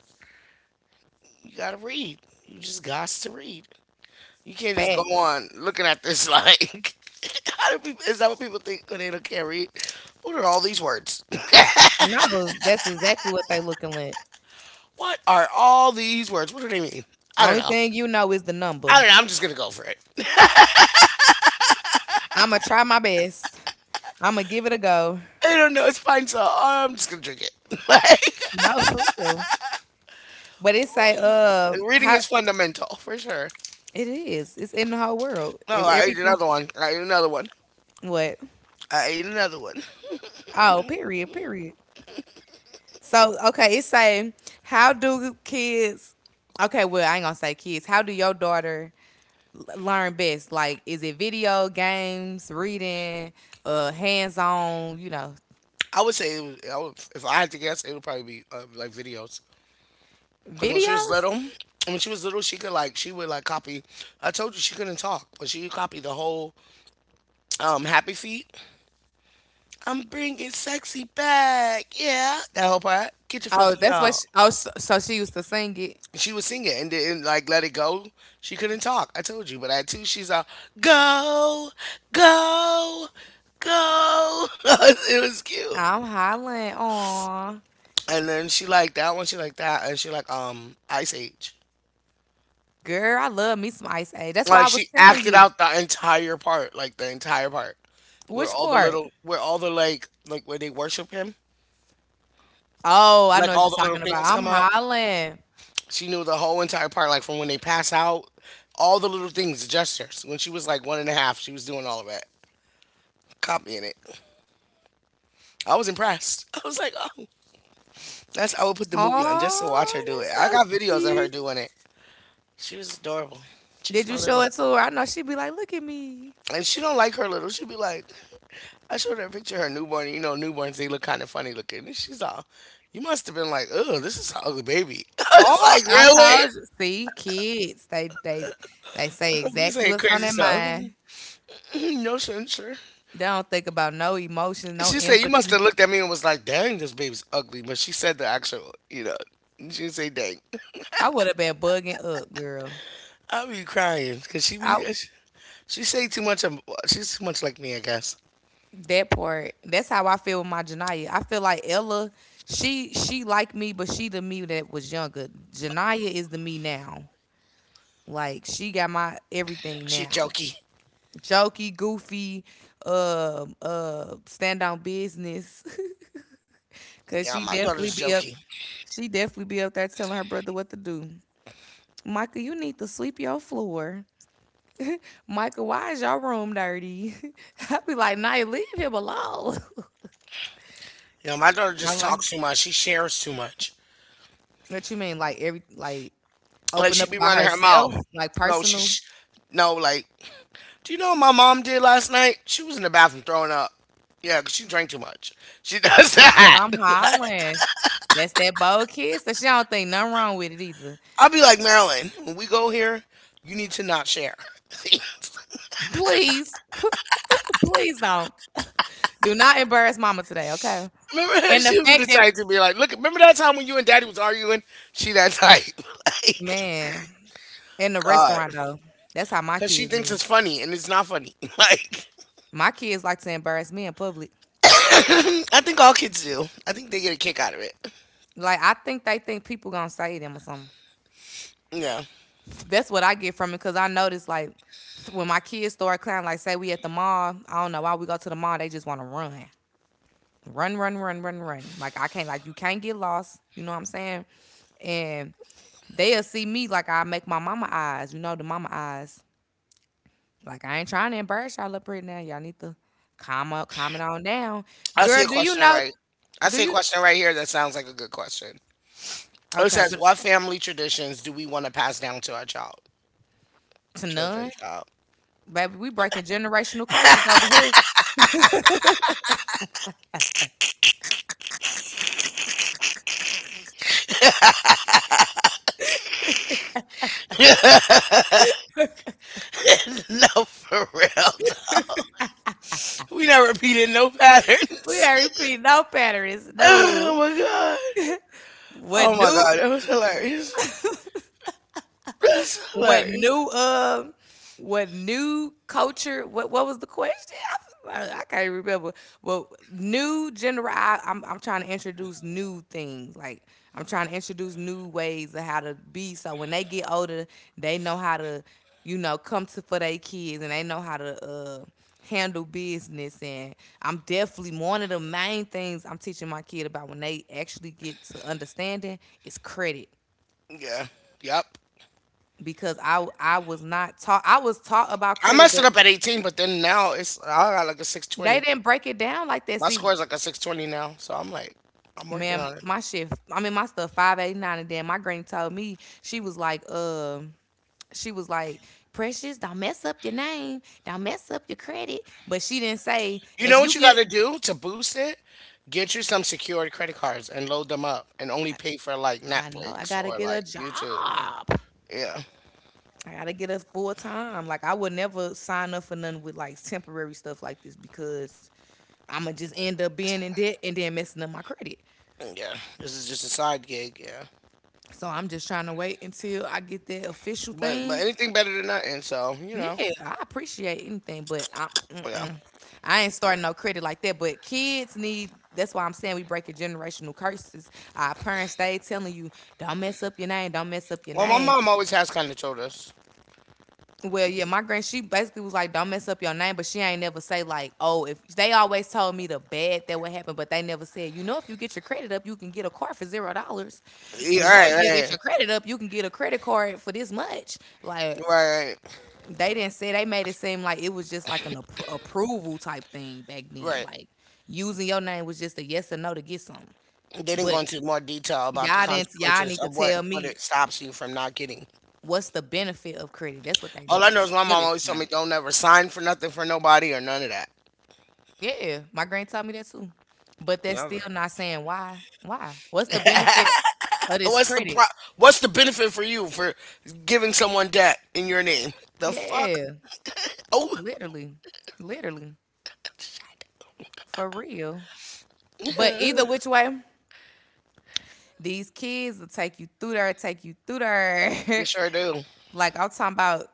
You gotta read. You just gots to read. You can't just go
Facts.
on looking at this like, how do people, is that what people think when they don't can't read? What are all these words?
No, that's exactly what they looking like.
What are all these words? What do they mean? I don't
Only
know.
thing you know is the number.
I don't know. I'm just gonna go for it.
Imma try my best. Imma give it a go.
I don't know. It's fine, so I'm just gonna drink it. like,
No, for real. But it say,
reading
how
is fundamental for sure.
it is. It's in the whole world.
No,
It,
I ate
everything.
another one. I ate another one.
What?
I ate another one.
Oh, period, period. So okay, it say, how do kids? Okay, well, I ain't gonna say kids. How do your daughter learn best? Like, is it video games, reading, hands-on? You know,
I would say it was, I would, if I had to guess, it would probably be like videos. Because when she was little,
videos.
when she was little, she could like she would like copy. I told you she couldn't talk, but she could copy the whole Happy Feet. I'm bringing sexy back, yeah. That whole part. Get your
Oh,
fluffy
that's what.
y'all.
Oh, so she used to sing it.
She would sing it and didn't like let it go. She couldn't talk. I told you, but at two, she's all go, go, go. It was cute.
I'm hollering on,
And then she liked that one. She liked that, and she liked Ice Age.
girl. I love me some Ice Age. That's
Like
why I
she
was telling
acted out
you.
the entire part, like the entire part, where
Which
all the
part?
little, where all the like where they worship him,
Oh, I
like
know what
all
you're
the little
talking about.
things
I'm
come out.
hollering.
She knew the whole entire part, like from when they pass out, all the little things, the gestures. When she was like one and a half, she was doing all of that, copying it. I was impressed. I was like, oh, that's I would put the movie on just to watch her
Oh,
do it.
that's
I
so
got videos of her
cute.
doing it. She was adorable. She's
Did you
my
show
little,
it to her? I know she'd be like, "Look at me."
and she don't like her little. She'd be like, I showed her a picture of her newborn. You know, newborns, they look kind of funny looking. And she's all, you must have been like, oh, this is an ugly baby. I was
Oh,
like,
I
really?
told you. See, kids, they they say
We
exactly
saying
what's on
crazy
their
stuff.
mind.
no censure.
They don't think about no emotions, no
She said, you must
empathy.
have looked at me and was like, dang, this baby's ugly. But she said the actual, she didn't say dang.
I would have been bugging up, girl.
I be crying because she be,
I
she say too much. Of, she's too much like me, I guess.
That part. That's how I feel with my Janaya. I feel like Ella, she like me, but she the me that was younger. Janaya is the me now. Like she got my everything
She
now.
jokey.
Jokey, goofy, stand on business. Cause
Yeah,
she
my
definitely
daughter's
be up.
jokey.
She definitely be up there telling her brother what to do. Micah, you need to sweep your floor. Micah, why is your room dirty? I be like, Naya, leave him alone.
Yeah, my daughter just
I'm like,
talks too much. She shares too much.
what you mean? Like every like
Like
Open
she
up
be
about
running her mouth.
herself, like
No, she,
personal.
sh no, like, do you know what my mom did last night? She was in the bathroom throwing up. Yeah, 'cause she drank too much. She does that.
I'm hollering. That's that bold kiss. So she don't think nothing wrong with it either.
I'll be like, Marilyn, when we go here, you need to not share.
Please, please don't. Do not embarrass mama today, okay?
remember,
And the
she would
fact
be the
that
type to be like, look, remember that time when you and daddy was arguing? She that type. like,
man, in the
God.
restaurant though, that's how my
Because she
kids
thinks
is.
it's funny, and it's not funny. like,
My kids like to embarrass me in public.
I think all kids do. I think they get a kick out of it.
Like I think they think people gonna say them or something.
Yeah.
That's what I get from it because I notice like when my kids start clowning, like say we at the mall, I don't know why we go to the mall, they just want to run. Run, run, run, run, run. Like I can't like you can't get lost. You know what I'm saying? And they'll see me like I make my mama eyes, you know, the mama eyes. Like I ain't trying to embarrass y'all up right now. Y'all need to calm up, calm it on down.
I see
Girl,
a
do you
question
know,
right. I
do
see a
you
question right here that sounds like a good question. It
okay,
says,
but
"What family traditions do we want to pass down to our child,
to none?
children, child?"
Baby, we breaking generational curses over here.
no, for real. We not repeating no
We
patterns.
ain't repeating no patterns.
Oh
No.
my god. Oh
What
my
do
god. That was hilarious. That's
What
hilarious.
new uh what new culture What was the question? I can't remember. Well, new general I'm trying to introduce new things. Like I'm trying to introduce new ways of how to be so when they get older, they know how to come to for their kids, and they know how to handle business. And I'm definitely one of the main things I'm teaching my kid about when they actually get to understanding is credit
Yeah. Yep.
because I was not taught I was taught about
I
credit,
messed
but
it up at 18, but then now it's I got like a
they
620.
didn't break it down like that.
My
See,
score is like a 620 now, so I'm like, I'm working
man,
on it.
my shit. I mean, my stuff 589, and then my granny told me she was like, Precious, don't mess up your name, don't mess up your credit. But she didn't say
You
if
know
you
what you got
get.
to do to boost it? Get you some secured credit cards and load them up and only pay for like
I know I
Netflix
gotta
or
get a
like YouTube.
job.
Yeah.
I gotta get a full time. Like I would never sign up for nothing with like temporary stuff like this because I'ma just end up being in debt and then messing up my credit.
Yeah. This is just a side gig, yeah.
So I'm just trying to wait until I get that official
But
thing.
anything better than nothing, so, you
Yeah,
know.
I appreciate anything, but I,
Yeah.
mm-mm. I ain't starting no credit like that. But kids need. That's why I'm saying we breaking generational curses. Our parents stay telling you, "Don't mess up your name. Don't mess up your
Well, my
name."
mom always has kind of told us.
Well, yeah, my grand she basically was like, "Don't mess up your name," but she ain't never say like, "Oh, if they always told me the bad that would happen," but they never said, you know, if you get your credit up, you can get a car for $0.
Yeah,
You know,
right,
if you get your
right,
credit up, you can get a credit card for this much. Like
right, right,
they didn't say, they made it seem like it was just like an approval type thing back then.
right.
Like using your name was just a yes or no to get something.
They didn't go
But
into more detail about the
y'all didn't y'all
consequences
need to
of what
tell
what
me
it stops you from not getting.
what's the benefit of credit. That's what they
All I know is my
should
mom always told me
explain.
don't ever sign for nothing for nobody or none of that.
Yeah, my granny taught me that too. But that's still
Never.
not saying why. Why? What's the benefit
And
of this credit?
What's the benefit for you for giving someone debt in your name? The fuck?
Yeah,
Oh,
literally, literally, for real. But
we
either which way, these kids will take you through there, take you through there.
sure do.
Like I'm talking about,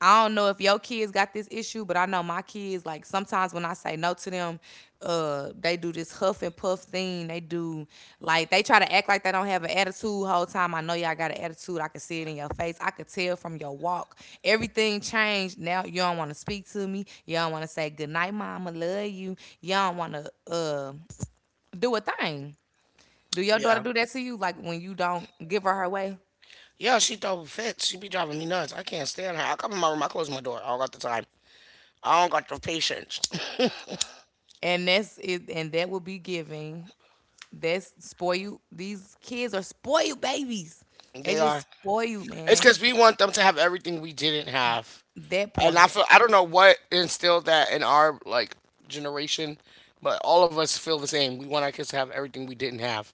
I don't know if your kids got this issue, but I know my kids, like sometimes when I say no to them, they do this huff and puff thing. They do Like they try to act like they don't have an attitude whole time. I know y'all got an attitude. I can see it in your face. I could tell from your walk. Everything changed. Now you don't want to speak to me. You don't want to say good night, mama. Love you. You don't want to do a thing. Do your daughter
Yeah,
do that to you? Like when you don't give her her way?
yeah. She throw fits. She be driving me nuts. I can't stand her. I come in my room. I close my door. I don't got the time. I don't got the patience.
And that's it. And that will be giving That's spoiled. These kids are spoiled babies. They
They
just
are.
spoil you,
It's
man.
because we want them to have everything we didn't have,
That
and I
part.
feel I don't know what instilled that in our like generation, but all of us feel the same. We want our kids to have everything we didn't have.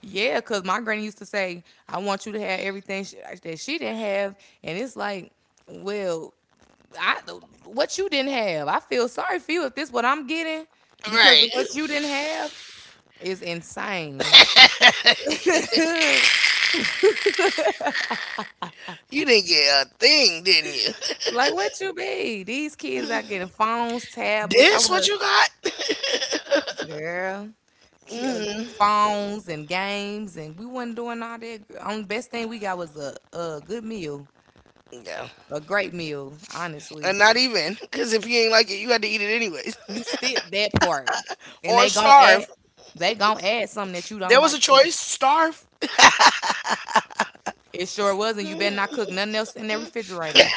Yeah, because my granny used to say, I want you to have everything that she didn't have. And it's like, well, I what you didn't have. I feel sorry for you if this what I'm getting because of what
Right.
you didn't have is insane.
You didn't get a thing, didn't you?
Like what you be? These kids are getting phones, tablets. I
This
would
what
have.
you got?
Girl, phones and games, and we wasn't doing all that. Only best thing we got was a good meal,
no,
a great meal. Honestly,
and not even because if you ain't like it, you had to eat it anyways
you skip that part, and they
or
gon' add,
starve.
they gon' add something that you don't
There was a
like to.
choice: starve.
It sure wasn't. You better not cook nothing else in that refrigerator.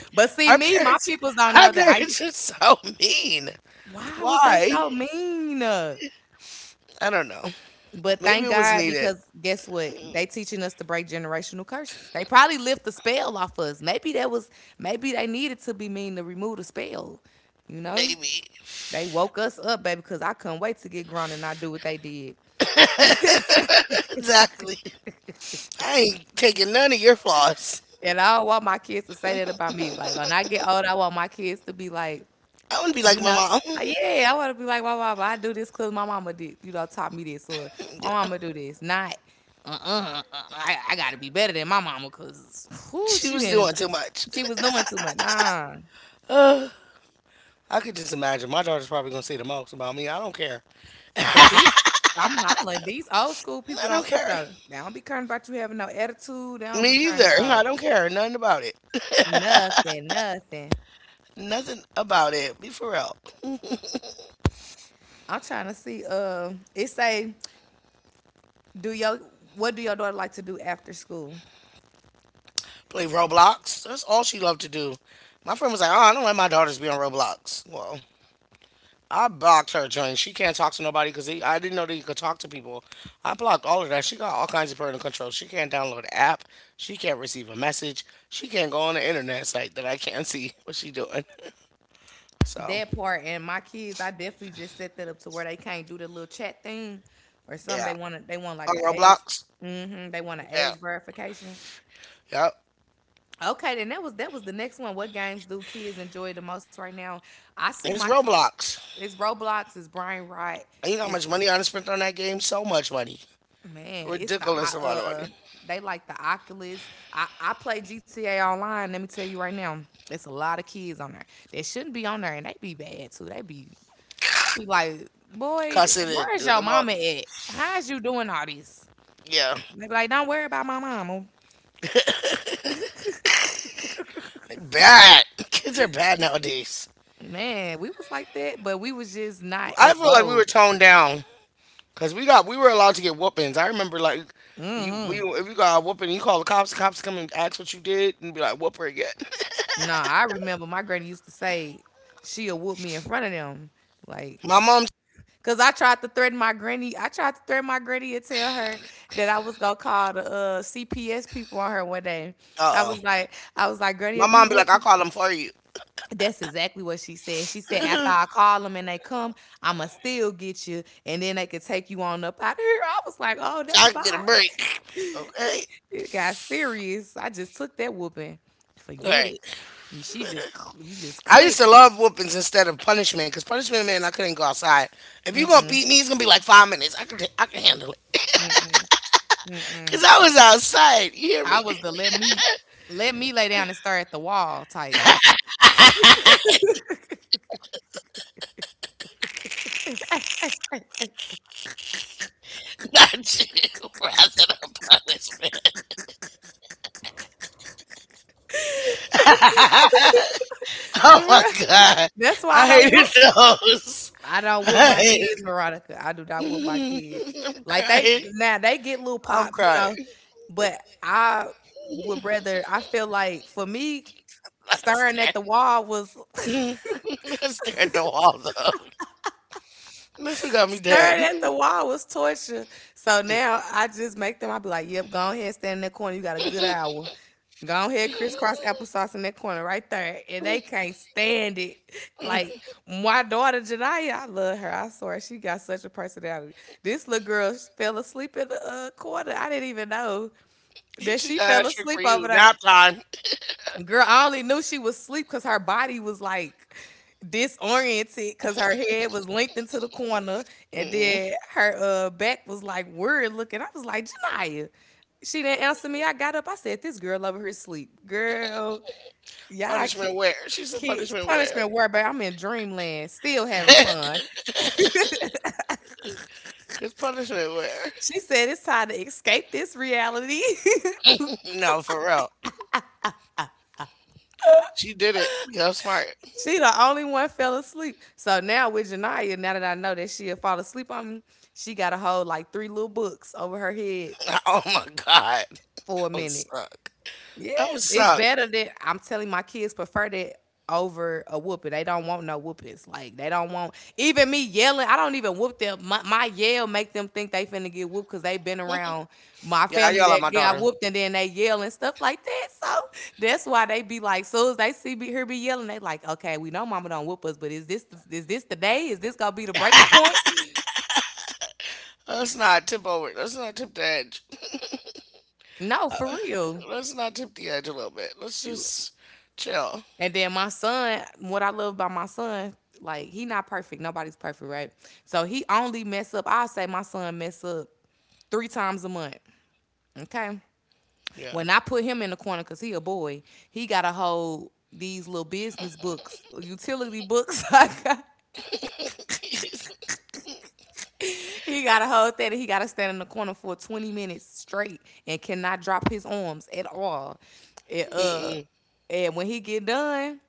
But see,
Our
me, my
parents,
peoples don't know
our
that. I
parents are so mean.
Why was they
Why?
so mean?
I don't know.
But
Maybe
thank
it was
God,
needed.
because guess what? They teaching us to break generational curses. They probably lift the spell off us. Maybe that was maybe they needed to be mean to remove the spell. You know?
Maybe.
They woke us up, baby, because I couldn't wait to get grown and not do what they did.
Exactly. I ain't taking none of your flaws.
And I don't want my kids to say that about me. Like when I get old, I want my kids to be like,
I wouldn't be like
you
my
know,
mom.
yeah, I want to be like, my mama, I do this because my mama did, taught me this, or my mama do this. Not, I gotta be better than my mama because, whoo,
She
she
was
didn't
doing too much.
she was doing too much. Nah.
I could just imagine. My daughter's probably gonna say the most about me. I don't care.
But these, I'm hollering. These old school people
I don't
don't care
care.
though. They don't be caring about you having no attitude. They don't
Me
be caring
either. I
about
don't care. Nothing about it.
nothing, nothing.
Nothing about it. Be for real.
I'm trying to see. It say, do your what do your daughter like to do after school?
Play Roblox. That's all she loved to do. My friend was like, "Oh, I don't let my daughters be on Roblox." Well, I blocked her joint. She can't talk to nobody because I didn't know that you could talk to people. I blocked all of that. She got all kinds of parental control. She can't download an app. She can't receive a message. She can't go on the internet site that I can't see what she doing. So
That part. And my kids, I definitely just set that up to where they can't do the little chat thing, or something.
yeah,
They want to. They want
on
like an age.
Roblox.
They want an
Yeah,
age verification.
yep.
Okay, then that was the next one. What games do kids enjoy the most right now? I see my
It's
kid.
Roblox.
It's Roblox. It's Brian Wright.
And you know how
It's
much money I done spent on that game? So much money.
man. It's the.
Ridiculous amount of
uh,
money.
They like the Oculus. I play GTA Online. Let me tell you right now, it's a lot of kids on there that shouldn't be on there, and they be bad too. They be I be like, boy,
Cussing and
where is
doing
your
them all.
mama at? How's you doing all this?
Yeah,
They be like, don't worry about my mama.
they bad. Kids are bad nowadays.
Man, we was like that, but we was just not
I
as
feel like we
bold.
were toned down because we were allowed to get whoopings. I remember like you,
Hmm.
you if you got a whooping, you call the cops. The cops come and ask what you did and be like, "Whoop her again."
No, I remember my granny used to say she'll whoop me in front of them. Like,
My mom, uh
cause I tried to threaten my granny. I tried to threaten my granny and tell her that I was gonna call the CPS people on her one day. I
oh,
was like, I was like, granny,
my
if you
mom be
whoop
like, "I
me.
call them for you,
That's exactly what she said. She said, after
so
I call them and they come, I'ma still get you, and then they could take you on up out of here. I was like, oh, never
I can get a
mind.
break." Okay.
It got serious. I just took that whooping. Forget
Right.
it. She just, you just
I used
clicked.
to love whoopings instead of punishment because punishment meant I couldn't go outside. If you gonna beat me, it's gonna be like 5 minutes. I can handle it
Mm-mm, mm-mm.
because I was outside. You hear
I
me?
was the let me lay down and stare at the wall type.
Not you, rather than punishment. Oh my
Right.
God.
That's why I
I
don't
hated
whoop.
those.
I don't whoop
I
my kids,
hated
Veronica. I do not whoop my kids.
I'm
Like they
crying.
now they get little
I'm
pop, you
crying.
know, but I would rather. I feel like for me,
I
staring
stared.
at the wall was
I stared at the wall though. This one got me
staring
dead.
at the wall was torture. So now I just make them. I be like, "Yep, go ahead, stand in that corner. You got a good hour. Go ahead, crisscross applesauce in that corner right there." And they can't stand it. Like my daughter Janaya, I love her. I swear she got such a personality. This little girl fell asleep in the corner. I didn't even know that
She
she
got
fell
a trick for
asleep
you.
over there.
Nap time.
Girl, I only knew she was asleep because her body was like disoriented because her head was linked into the corner and
Mm-mm.
then her back was like weird looking. I was like, Janaya. She didn't answer me. I got up. I said, This girl over her sleep. Girl, y'all
Punishment
ki-
where? She said
kids,
punishment where?
punishment word, but I'm in dreamland, still having fun.
Cause punishment where?
She said, It's time to escape this reality.
No, for real. She did it. Go smart.
She the only one fell asleep. So now with Janaya, now that I know that she'll fall asleep on me, she got to hold like three little books over her head
Oh my God.
for
That
a
would
minute.
suck.
Yeah,
That would
it's
suck.
better that I'm telling my kids prefer that over a whooping. They don't want no whoopings. Like they don't want even me yelling. I don't even whoop them. My yell make them think they finna get whooped because they been around my
Yeah, I
family
yell at
that
my
got
daughter.
whooped and then they yell and stuff like that. So that's why they be like, soon as they see me her be yelling, they like, okay, we know mama don't whoop us, but is this the day? Is this gonna be the breaking point?
Let's not tip over. Let's not tip the edge.
No, for real.
Let's not tip the edge a little bit. Let's just chill.
And then my son, what I love about my son, like he not perfect. Nobody's perfect, right? So he only mess up. I say my son mess up three times a month. Okay.
Yeah.
When I put him in the corner, cause he a boy, he gotta hold these little business books, utility books. He gotta hold that and he gotta stand in the corner for 20 minutes straight and cannot drop his arms at all. It
Mm-mm.
And when he get done,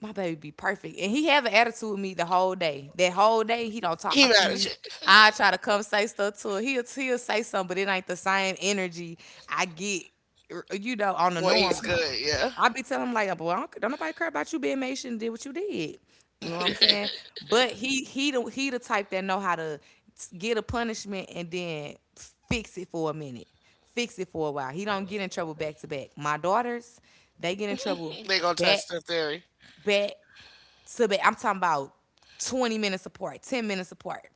my baby be perfect. And he have an attitude with me the whole day. That whole day, he don't
He
talk to
mad at
me.
you
I try to come say stuff to him. He'll say something, but it ain't the same energy I get on the
when
norm.
he's
I'm
good.
like,
Yeah.
I be telling him, like, boy, I don't nobody care about you being made. You shouldn't did what you did. You know what I'm saying? But he the type that know how to get a punishment and then fix it for a minute. Fix it for a while. He don't get in trouble back to back. My daughters, they get in trouble
They gonna
back,
test the theory.
back, I'm talking about 20 minutes apart, 10 minutes apart.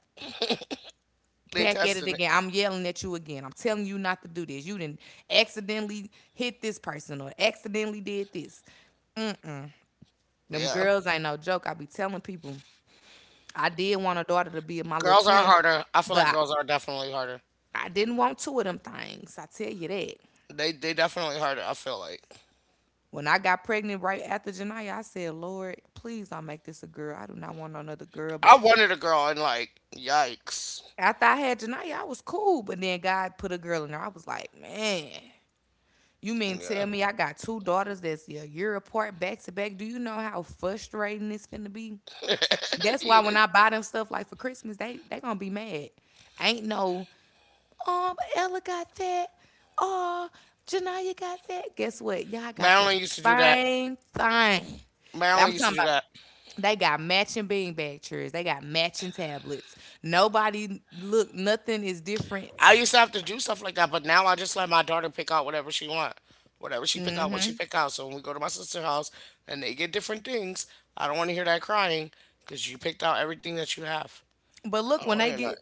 They
Back at it
testing
again.
it.
I'm yelling at you again. I'm telling you not to do this. You didn't accidentally hit this person or accidentally did this. Them
Yeah.
girls ain't no joke. I be telling people I did want a daughter to be my little
Girls are
twin,
harder. I feel
but
like
I,
girls are definitely harder.
I didn't want two of them things. I tell you that.
They definitely harder. I feel like
When I got pregnant right after Janaya, I said, Lord, please don't make this a girl. I do not want another girl
I
back
wanted a girl and like yikes.
after I had Janaya, I was cool, but then God put a girl in there. I was like, man, you mean tell
Yeah.
me I got two daughters that's a year apart back to back? Do you know how frustrating this finna be? That's why when I buy them stuff like for Christmas, they gonna be mad. Ain't no Ella got that. Oh, Janaya got that. Guess what? Y'all got the
Madeline used to do that.
same thing. I'm
Marilyn used to
talking
do
about
that.
they got matching beanbag chairs. They got matching tablets. Nobody look, nothing is different.
I used to have to do stuff like that, but now I just let my daughter pick out whatever she want. Whatever she pick out, what she
Mm-hmm.
pick out. So when we go to my sister's house and they get different things, I don't want to hear that crying because you picked out everything that you have.
But
I
look,
don't
when
want to
they
hear that.
get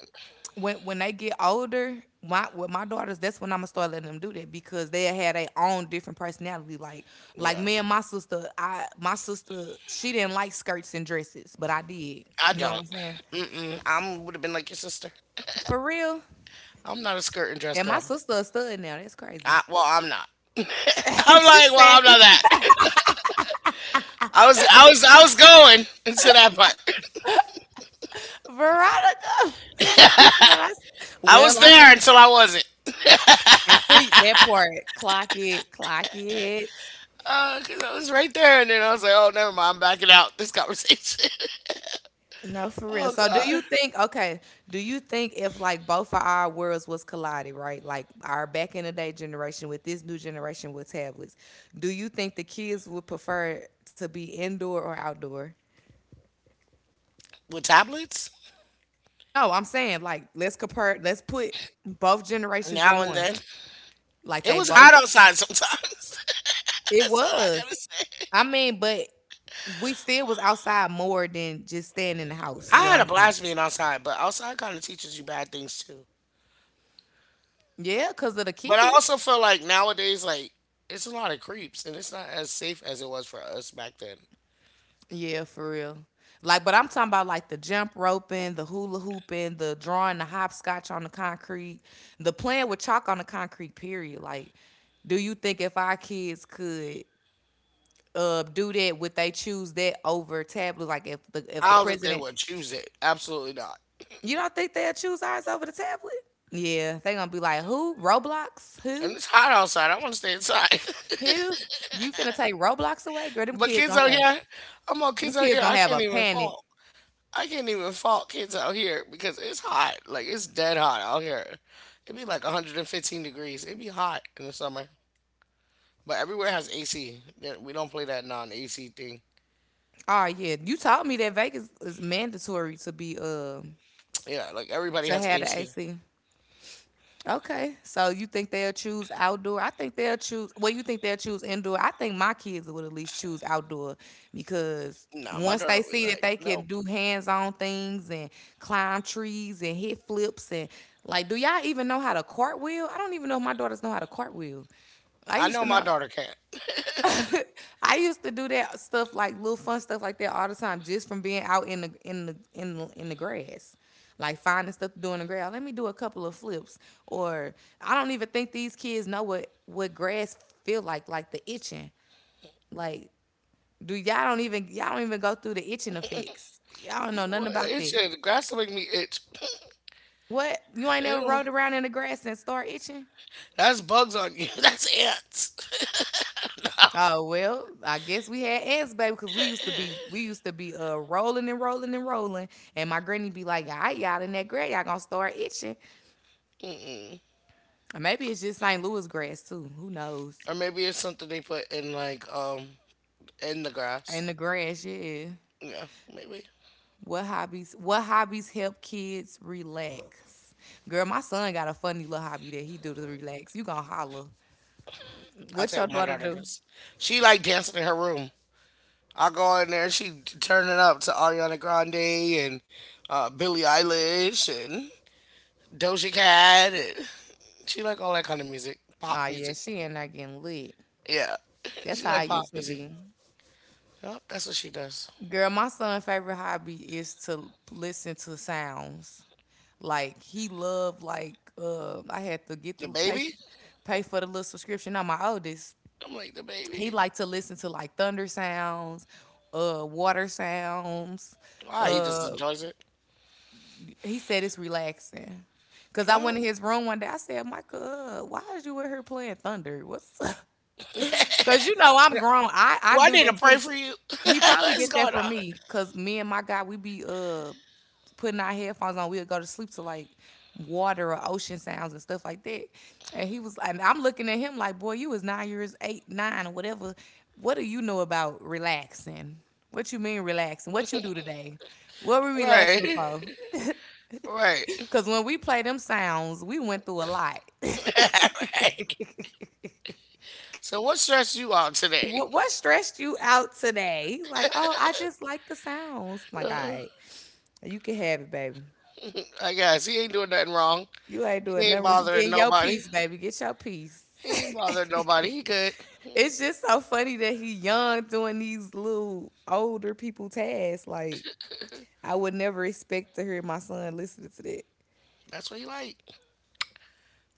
when when they get older, my with my daughters, that's when I'm gonna start letting them do that because they had their own different personality. Like
Yeah.
me and my sister, I my sister she didn't like skirts and dresses, but I did.
I
You know what
don't.
I'm saying?
Mm-mm. I would have been like your sister.
For real.
I'm not a skirt and dress
And my
girl.
sister a stud now. That's crazy.
I, well, I'm not.
She
I'm like,
said,
well, I'm not that. I was going into that part.
Veronica. She said,
I was
well, I'm
there
not.
until I wasn't.
And so that part, clock it, clock it.
Because I was right there, and then I was like, "Oh, never mind, I'm backing out this conversation."
No, for real.
Oh
So do
God,
you think okay, do you think if like both of our worlds was collided, right? Like our back in the day generation with this new generation with tablets, do you think the kids would prefer to be indoor or outdoor?
with tablets
No, I'm saying like let's put both generations in
now and
one.
then,
Like
it
they
was hot
both
outside sometimes.
it
That's all I gotta
was.
say.
I mean, but we still was outside more than just staying in the house
I
is what
had a
I'm saying.
blast being outside, but outside kind of teaches you bad things too.
Yeah, because of the
But I
kids.
also feel like nowadays, like it's a lot of creeps, and it's not as safe as it was for us back then.
Yeah, for real. Like, but I'm talking about like the jump roping, the hula hooping, the drawing, the hopscotch on the concrete, the playing with chalk on the concrete. Period. Like, do you think if our kids could do that, would they choose that over tablet? Like, if the
I don't think they
president,
would choose it. Absolutely not.
you don't think they'll choose ours over the tablet? Yeah, they gonna be like, who? Roblox?
And
Who?
it's hot outside. I want to stay inside.
Who? You finna take Roblox away? Girl,
But kids out here, I'm all
them
kids out
kids
here. I
gonna have a
can't even
panic.
fall. I can't even fault kids out here because it's hot. Like it's dead hot out here. It'd be like 115 degrees. It'd be hot in the summer. But everywhere has AC. Yeah, we don't play that non-AC thing.
Oh yeah, you told me that Vegas is mandatory
Yeah, like everybody
to
has
have the
AC.
AC. Okay, so you think they'll choose outdoor? I think they'll choose. Well, you think they'll choose indoor? I think my kids would at least choose outdoor because
Nah, my
once
daughter
they
would be
see that
like,
they can
nope.
do hands-on things and climb trees and hit flips and like, do y'all even know how to cartwheel? I don't even know if my daughters know how to cartwheel. I
I
used
know
to
my
know.
daughter can't.
I used to do that stuff like little fun stuff like that all the time, just from being out in the grass, like finding stuff to do in the grass. Let me do a couple of flips, or I don't even think these kids know what grass feel like the itching. Like, do y'all don't even go through the itching effects. Y'all don't know
Well,
nothing about
it
that.
the grass will make me itch.
What you ain't never
It
rode around in the grass and start itching?
that's bugs on you. That's ants.
Oh well, I guess we had answers, baby, because we used to be rolling and rolling and rolling, and my granny be like, "All right, y'all in that grass, y'all gonna start itching."
Mm-mm.
Or maybe it's just St. Louis grass too. Who knows?
Or maybe it's something they put in like in the grass.
In the grass, yeah.
Yeah, maybe.
What hobbies? What hobbies help kids relax? Girl, my son got a funny little hobby that he do to relax. You gonna holler?
I
What
tell
your
you what my
daughter
daughter
do?
does. She like dancing in her room. I go in there and turning up to Ariana Grande and Billie Eilish and Doja Cat. And she like all that kind of music,
Oh
pop
yeah,
music.
she in there getting lit.
Yeah,
That's
she
how I
like pop
used to
music.
be.
Yep, that's what she does.
Girl, my son's favorite hobby is to listen to sounds. Like he loved I had to get
The
the
baby?
pay for the little subscription on my oldest.
I'm like the
He
baby.
liked to listen to like thunder sounds, water sounds.
Why he just
Uh,
enjoys it?
he said it's relaxing. Cause I
Well,
went in his room one day. I said, "Micah, why is you in here playing thunder? What's up? Cause you know I'm
yeah.
grown. I
Do
I
I
do
need to
that
pray
too.
for you?
He probably
What's
get that
going
from
on?
me, cause me and my guy, we be putting our headphones on. We'll go to sleep to like water or ocean sounds and stuff like that. And I'm looking at him like, boy, you was 9 years, eight, nine, or whatever. What do you know about relaxing? What you mean relaxing? What you do today? What we relaxing
Right,
for?
right,
Cause when we play them sounds, we went through a lot.
right. So what stressed you out today?
What stressed you out today? He's like, oh, I just like the sounds. I'm like, all right, you can have it, baby.
I guess he ain't doing nothing wrong.
You ain't
He
doing
ain't
nothing. You
bothering
getting your
nobody.
piece, baby. Get your piece.
He ain't bothering nobody. He good.
It's just so funny that he young doing these little older people tasks. Like I would never expect to hear my son listening to that.
That's what he like.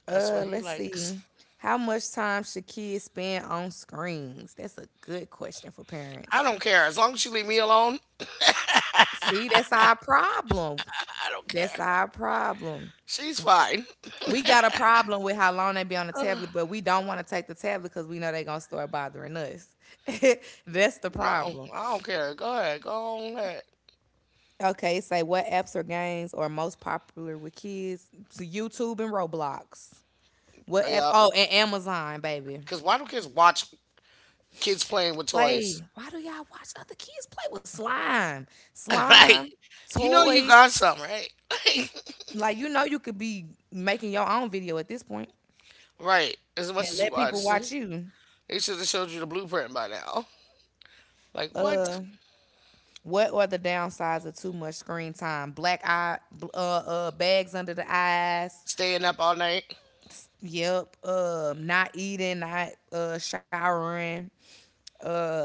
That's what he
Let's
likes.
see. How much time should kids spend on screens? That's a good question for
I
parents.
don't care. As long as you leave me alone,
See, that's our problem.
I don't care.
That's our problem.
She's fine.
We got a problem with how long they be on the
Ugh,
tablet, but we don't want to take the tablet because we know they gonna start bothering us. That's the
no,
problem.
I don't care. Go ahead. Go on ahead.
Okay, it say what apps or games are most popular with kids? So YouTube and Roblox. What
Oh,
apps?
yeah.
Oh, and Amazon, baby.
Because why don't kids watch kids playing with toys?
Play. Why do y'all watch other kids play with slime? Slime,
Like, you know you
toys.
got some, right?
Like you know, you could be making your own video at this point
Right. As
and
much as
let
you
people
watch
watch
it.
you.
They should have showed you the blueprint by now. Like, what?
Uh. What are the downsides of too much screen time? Black eye, bags under the eyes.
Staying up all night?
Yep. Not eating, not showering. Uh,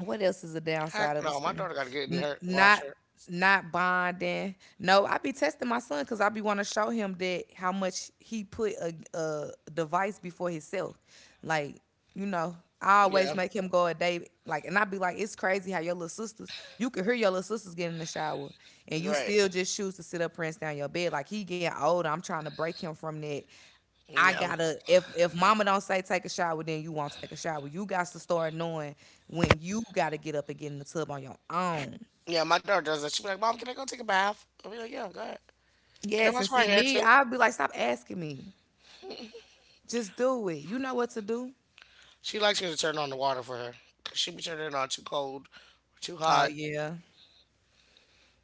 What else is the downside
Heck
of a
no. My
screen?
daughter got to get in
N-
her, wash
not
her.
not bonding. No, I be testing my son because I be want to show him that how much he put a device before himself. Like you know, I always
Yeah.
make him go a day. Like, and I be like, it's crazy how your little sisters. You can hear your little sisters get in the shower, and you
Right.
still just choose to sit up, rinse down your bed. Like he getting older. I'm trying to break him from that. I
Yeah.
gotta, if mama don't say take a shower, then you won't take a shower. You got to start knowing when you gotta get up and get in the tub on your own.
Yeah. My daughter does that. She'd be like, "Mom, can I go take a bath?" I'll be like, "Yeah, go ahead. Can I
Yes, and
wash my
see
hair
me,
too?"
I'll be like, stop asking me. Just do it. You know what to do.
She likes me to turn on the water for her, 'cause she be turning it on too cold or too
Oh
hot.
yeah.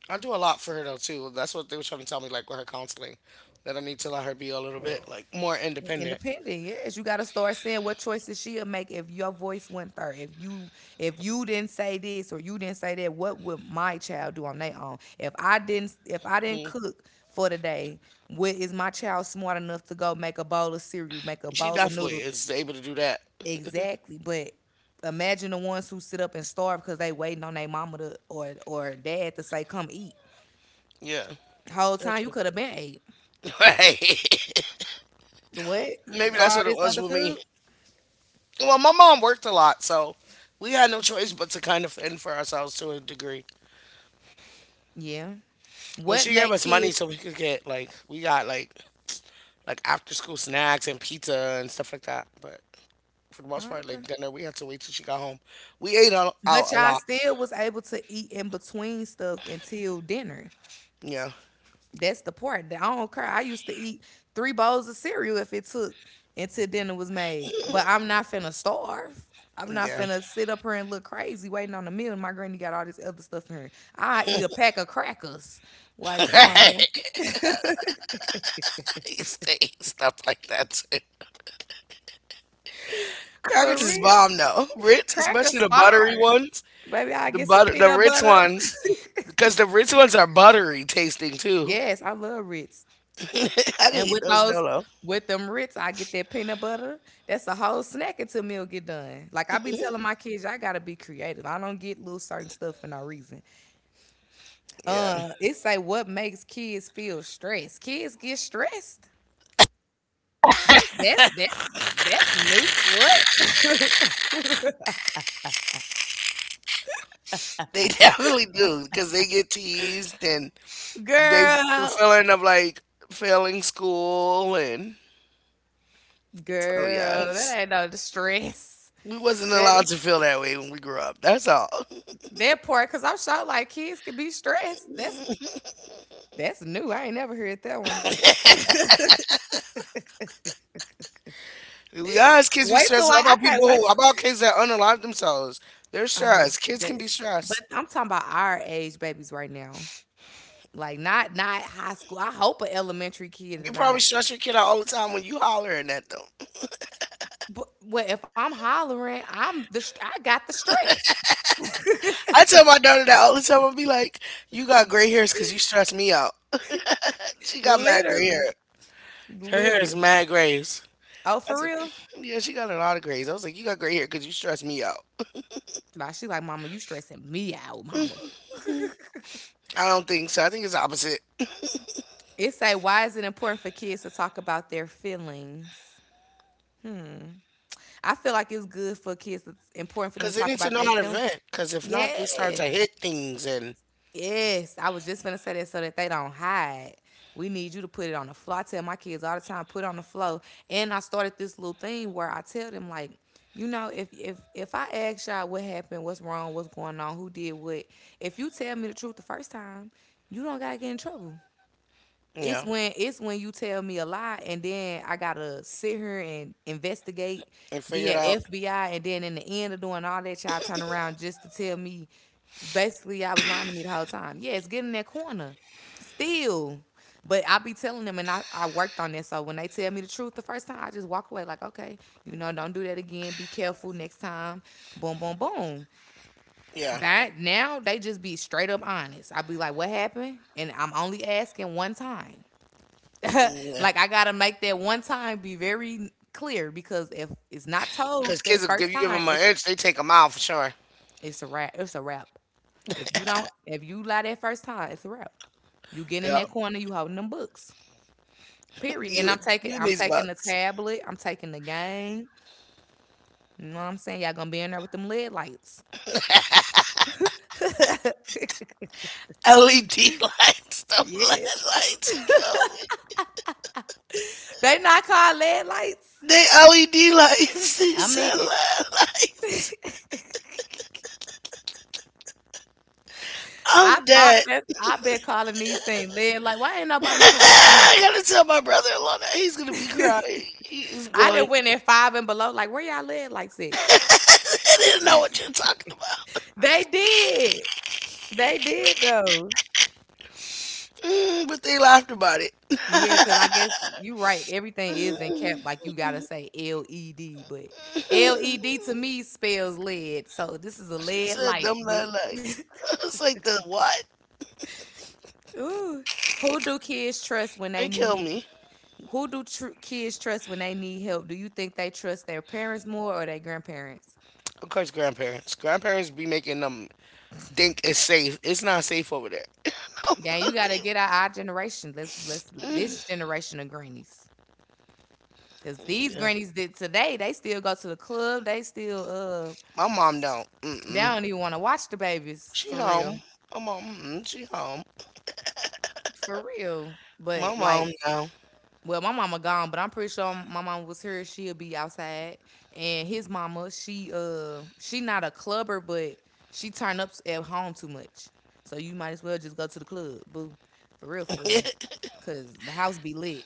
I do a lot for her though too. That's what they were trying to tell me, like with her counseling, that I need to let her be a little bit like more independent.
Independent, yes. You gotta start saying what choices she'll make if your voice went there. If you didn't say this or you didn't say that, what would my child do on their own? If I didn't cook for the day, what is my child smart enough to go make a bowl of cereal, make a
She
bowl of
definitely
noodles?
is able to do that.
Exactly. But imagine the ones who sit up and starve because they waiting on their mama to or dad to say, come eat.
Yeah.
Whole
That's
time you
true.
could have been ate.
Right.
What?
Maybe that's
All
what it
this
was
other
with
food?
me. Well, my mom worked a lot, so we had no choice but to kind of fend for ourselves to a degree.
Yeah.
Well,
What
she gave
make
us money
kids.
so we could get like we got like after school snacks and pizza and stuff like that. But for the most
Oh,
part, like
okay.
dinner, we had to wait till she got home. We ate out, out
But
a
y'all
lot.
still was able to eat in between stuff until dinner.
Yeah,
That's the part that I don't care. I used to eat three bowls of cereal if it took until dinner was made. But I'm not finna starve. I'm not
yeah.
finna sit up here and look crazy waiting on a meal. And my granny got all this other stuff in her. I eat a pack of crackers. Like, come on now.
He stayed stuff like that too.
For
Crackers is
real.
bomb though. Ritz, especially
Crackers
the buttery
fire.
ones,
Baby, I
the
get some
butter, the
peanut
Ritz
butter.
ones, because the Ritz ones are buttery tasting too.
Yes, I love Ritz.
I can
And
eat
with
those
those,
solo.
with them Ritz, I get that peanut butter. That's a whole snack until meal get done. Like I be telling my kids, I gotta be creative. I don't get little certain stuff for no reason.
Yeah,
It say what makes kids feel stressed. Kids get stressed. That's that's that's that's new. What
they definitely do because they get teased and they the
girl,
feeling of like failing school and so
girl,
yes.
that ain't no stress.
We wasn't
That
allowed to feel that way when we grew up. That's all.
that part, cause I'm sure like kids could be stressed. That's new. I ain't never heard that one.
We are as kids we
Wait
stress
till I
about
can't
people
wait.
who about kids that unalive themselves. They're
Oh,
stressed. Kids
that,
can be
but
stressed.
I'm talking about our age babies right now. Like not not high school. I hope an elementary kid or
You probably
not.
stress your kid out all the time when you hollering at them.
But well, if I'm hollering, I'm the I got the stress.
I tell my daughter that all the time. I'll be like, "You got gray hairs because you stress me out." She got mad gray
Literally,
hair. Her hair is
literally.
mad grays.
Oh,
I
for
said,
real?
"Yeah, she got a lot of grays." I was like, "You got gray hair because you stress me out."
Nah, she like, Mama, you stressing me out, Mama.
I don't think so. I think it's opposite.
It say, why is it important for kids to talk about their feelings? I feel like it's good for kids. It's important for them
Because
to
they
talk
need to
about
know
their
how to
feelings.
vent. Because if not, they start
Yeah.
to hit things and,
Yes, I was just finna say that so that they don't hide. We need you to put it on the floor. I tell my kids all the time, put it on the floor. And I started this little thing where I tell them like, you know, if I ask y'all what happened, what's wrong, what's going on, who did what, if you tell me the truth the first time, you don't gotta get in trouble.
you
it's
know,
when it's when you tell me a lie and then I gotta sit here and investigate,
and figure
be
it
an
out.
FBI, and then in the end of doing all that, y'all turn around just to tell me basically I was lying to me the whole time. Yeah, it's getting in that corner. Still. But I be telling them and I worked on this. So when they tell me the truth the first time, I just walk away like, okay, you know, don't do that again. Be careful next time. Boom, boom, boom.
Yeah.
That now they just be straight up honest. I be like, what happened? And I'm only asking one time.
Yeah.
Like I gotta make that one time be very clear because if it's not
Because
told
kids,
that
will give
first
you give
time,
them an
it's
inch, they take a mile for sure.
it's a wrap. It's a wrap. If you don't, if you lie that first time, it's a wrap. You get in
Yeah.
that corner, you holding them books. Period. And
You, you and
I'm
these
taking the
bucks.
tablet. I'm taking the game. You know what I'm saying? Y'all gonna be in there with them lead lights.
LED lights. The
Yeah,
LED lights, you kill me.
they not called lead lights.
They LED lights.
I
These are
mean,
LED lights.
I
I'm
thought
dead.
that I've been calling these things lead. Like, why ain't nobody correcting me?
I gotta tell my brother-in-law. That he's gonna be crying. He is
I done
going.
went at five and below. Like, where y'all live? Like, said
I didn't know what you're talking about.
they did. They did though.
Mm, but they laughed about it.
Yeah, because I guess you right. Everything is in cap. Like you gotta say LED, but LED to me spells lead. So this is a
She
lead
said
light
them night
book.
lights. It's like the what?
Ooh, who do kids trust when they
They kill
need?
me.
Who do kids trust when they need help? Do you think they trust their parents more or their grandparents?
Of course, grandparents. Grandparents be making them think it's safe. It's not safe over there. I don't
Yeah, you gotta
believe—
get out our generation. Let's this generation of grannies. Cause these
yeah.
grannies did today, they still go to the club. They still
My mom don't.
they
Mm-mm.
don't even want to watch the babies
She
for real.
home. My mom. Mm-mm. She home.
For real.
My
But
mom
like
now.
well, my mama gone, but I'm pretty sure my mama was here, she'll be outside. And his mama, she not a clubber, but she turn up at home too much. So you might as well just go to the club, boo. For real, for real. Cause the house be lit.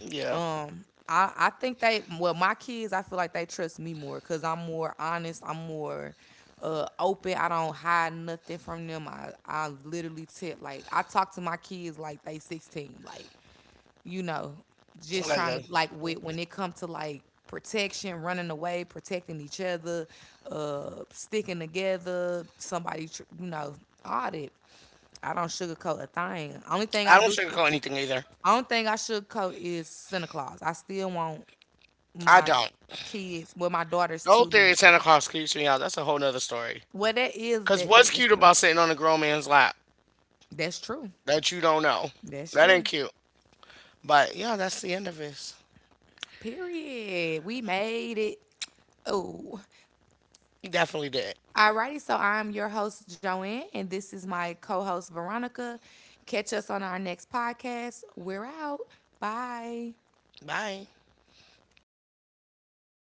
Yeah.
I think they well my kids I feel like they trust me more because I'm more honest. I'm more open. I don't hide nothing from them. I literally tip like I talk to my kids like they 16. Like you know, just
Like
trying to
a,
like with when it comes to like protection, running away, protecting each other, sticking together. Somebody you know all that. I don't sugarcoat a thing.
I don't sugarcoat anything either.
Only thing I sugarcoat is Santa Claus. I still want
I
my
don't.
kids, well, my daughters
The whole
too.
theory of Santa Claus creeps me out. That's a whole nother story.
Well, that is
Cause
that,
what's
that that's
cute
true.
about sitting on a grown man's lap
That's true.
that you don't know?
That's
That ain't
true.
cute. But yeah, that's the end of this.
Period. We made it. Oh.
You definitely did.
Alrighty, so I'm your host, Joanne, and this is my co-host Veronica. Catch us on our next podcast. We're out. Bye.
Bye.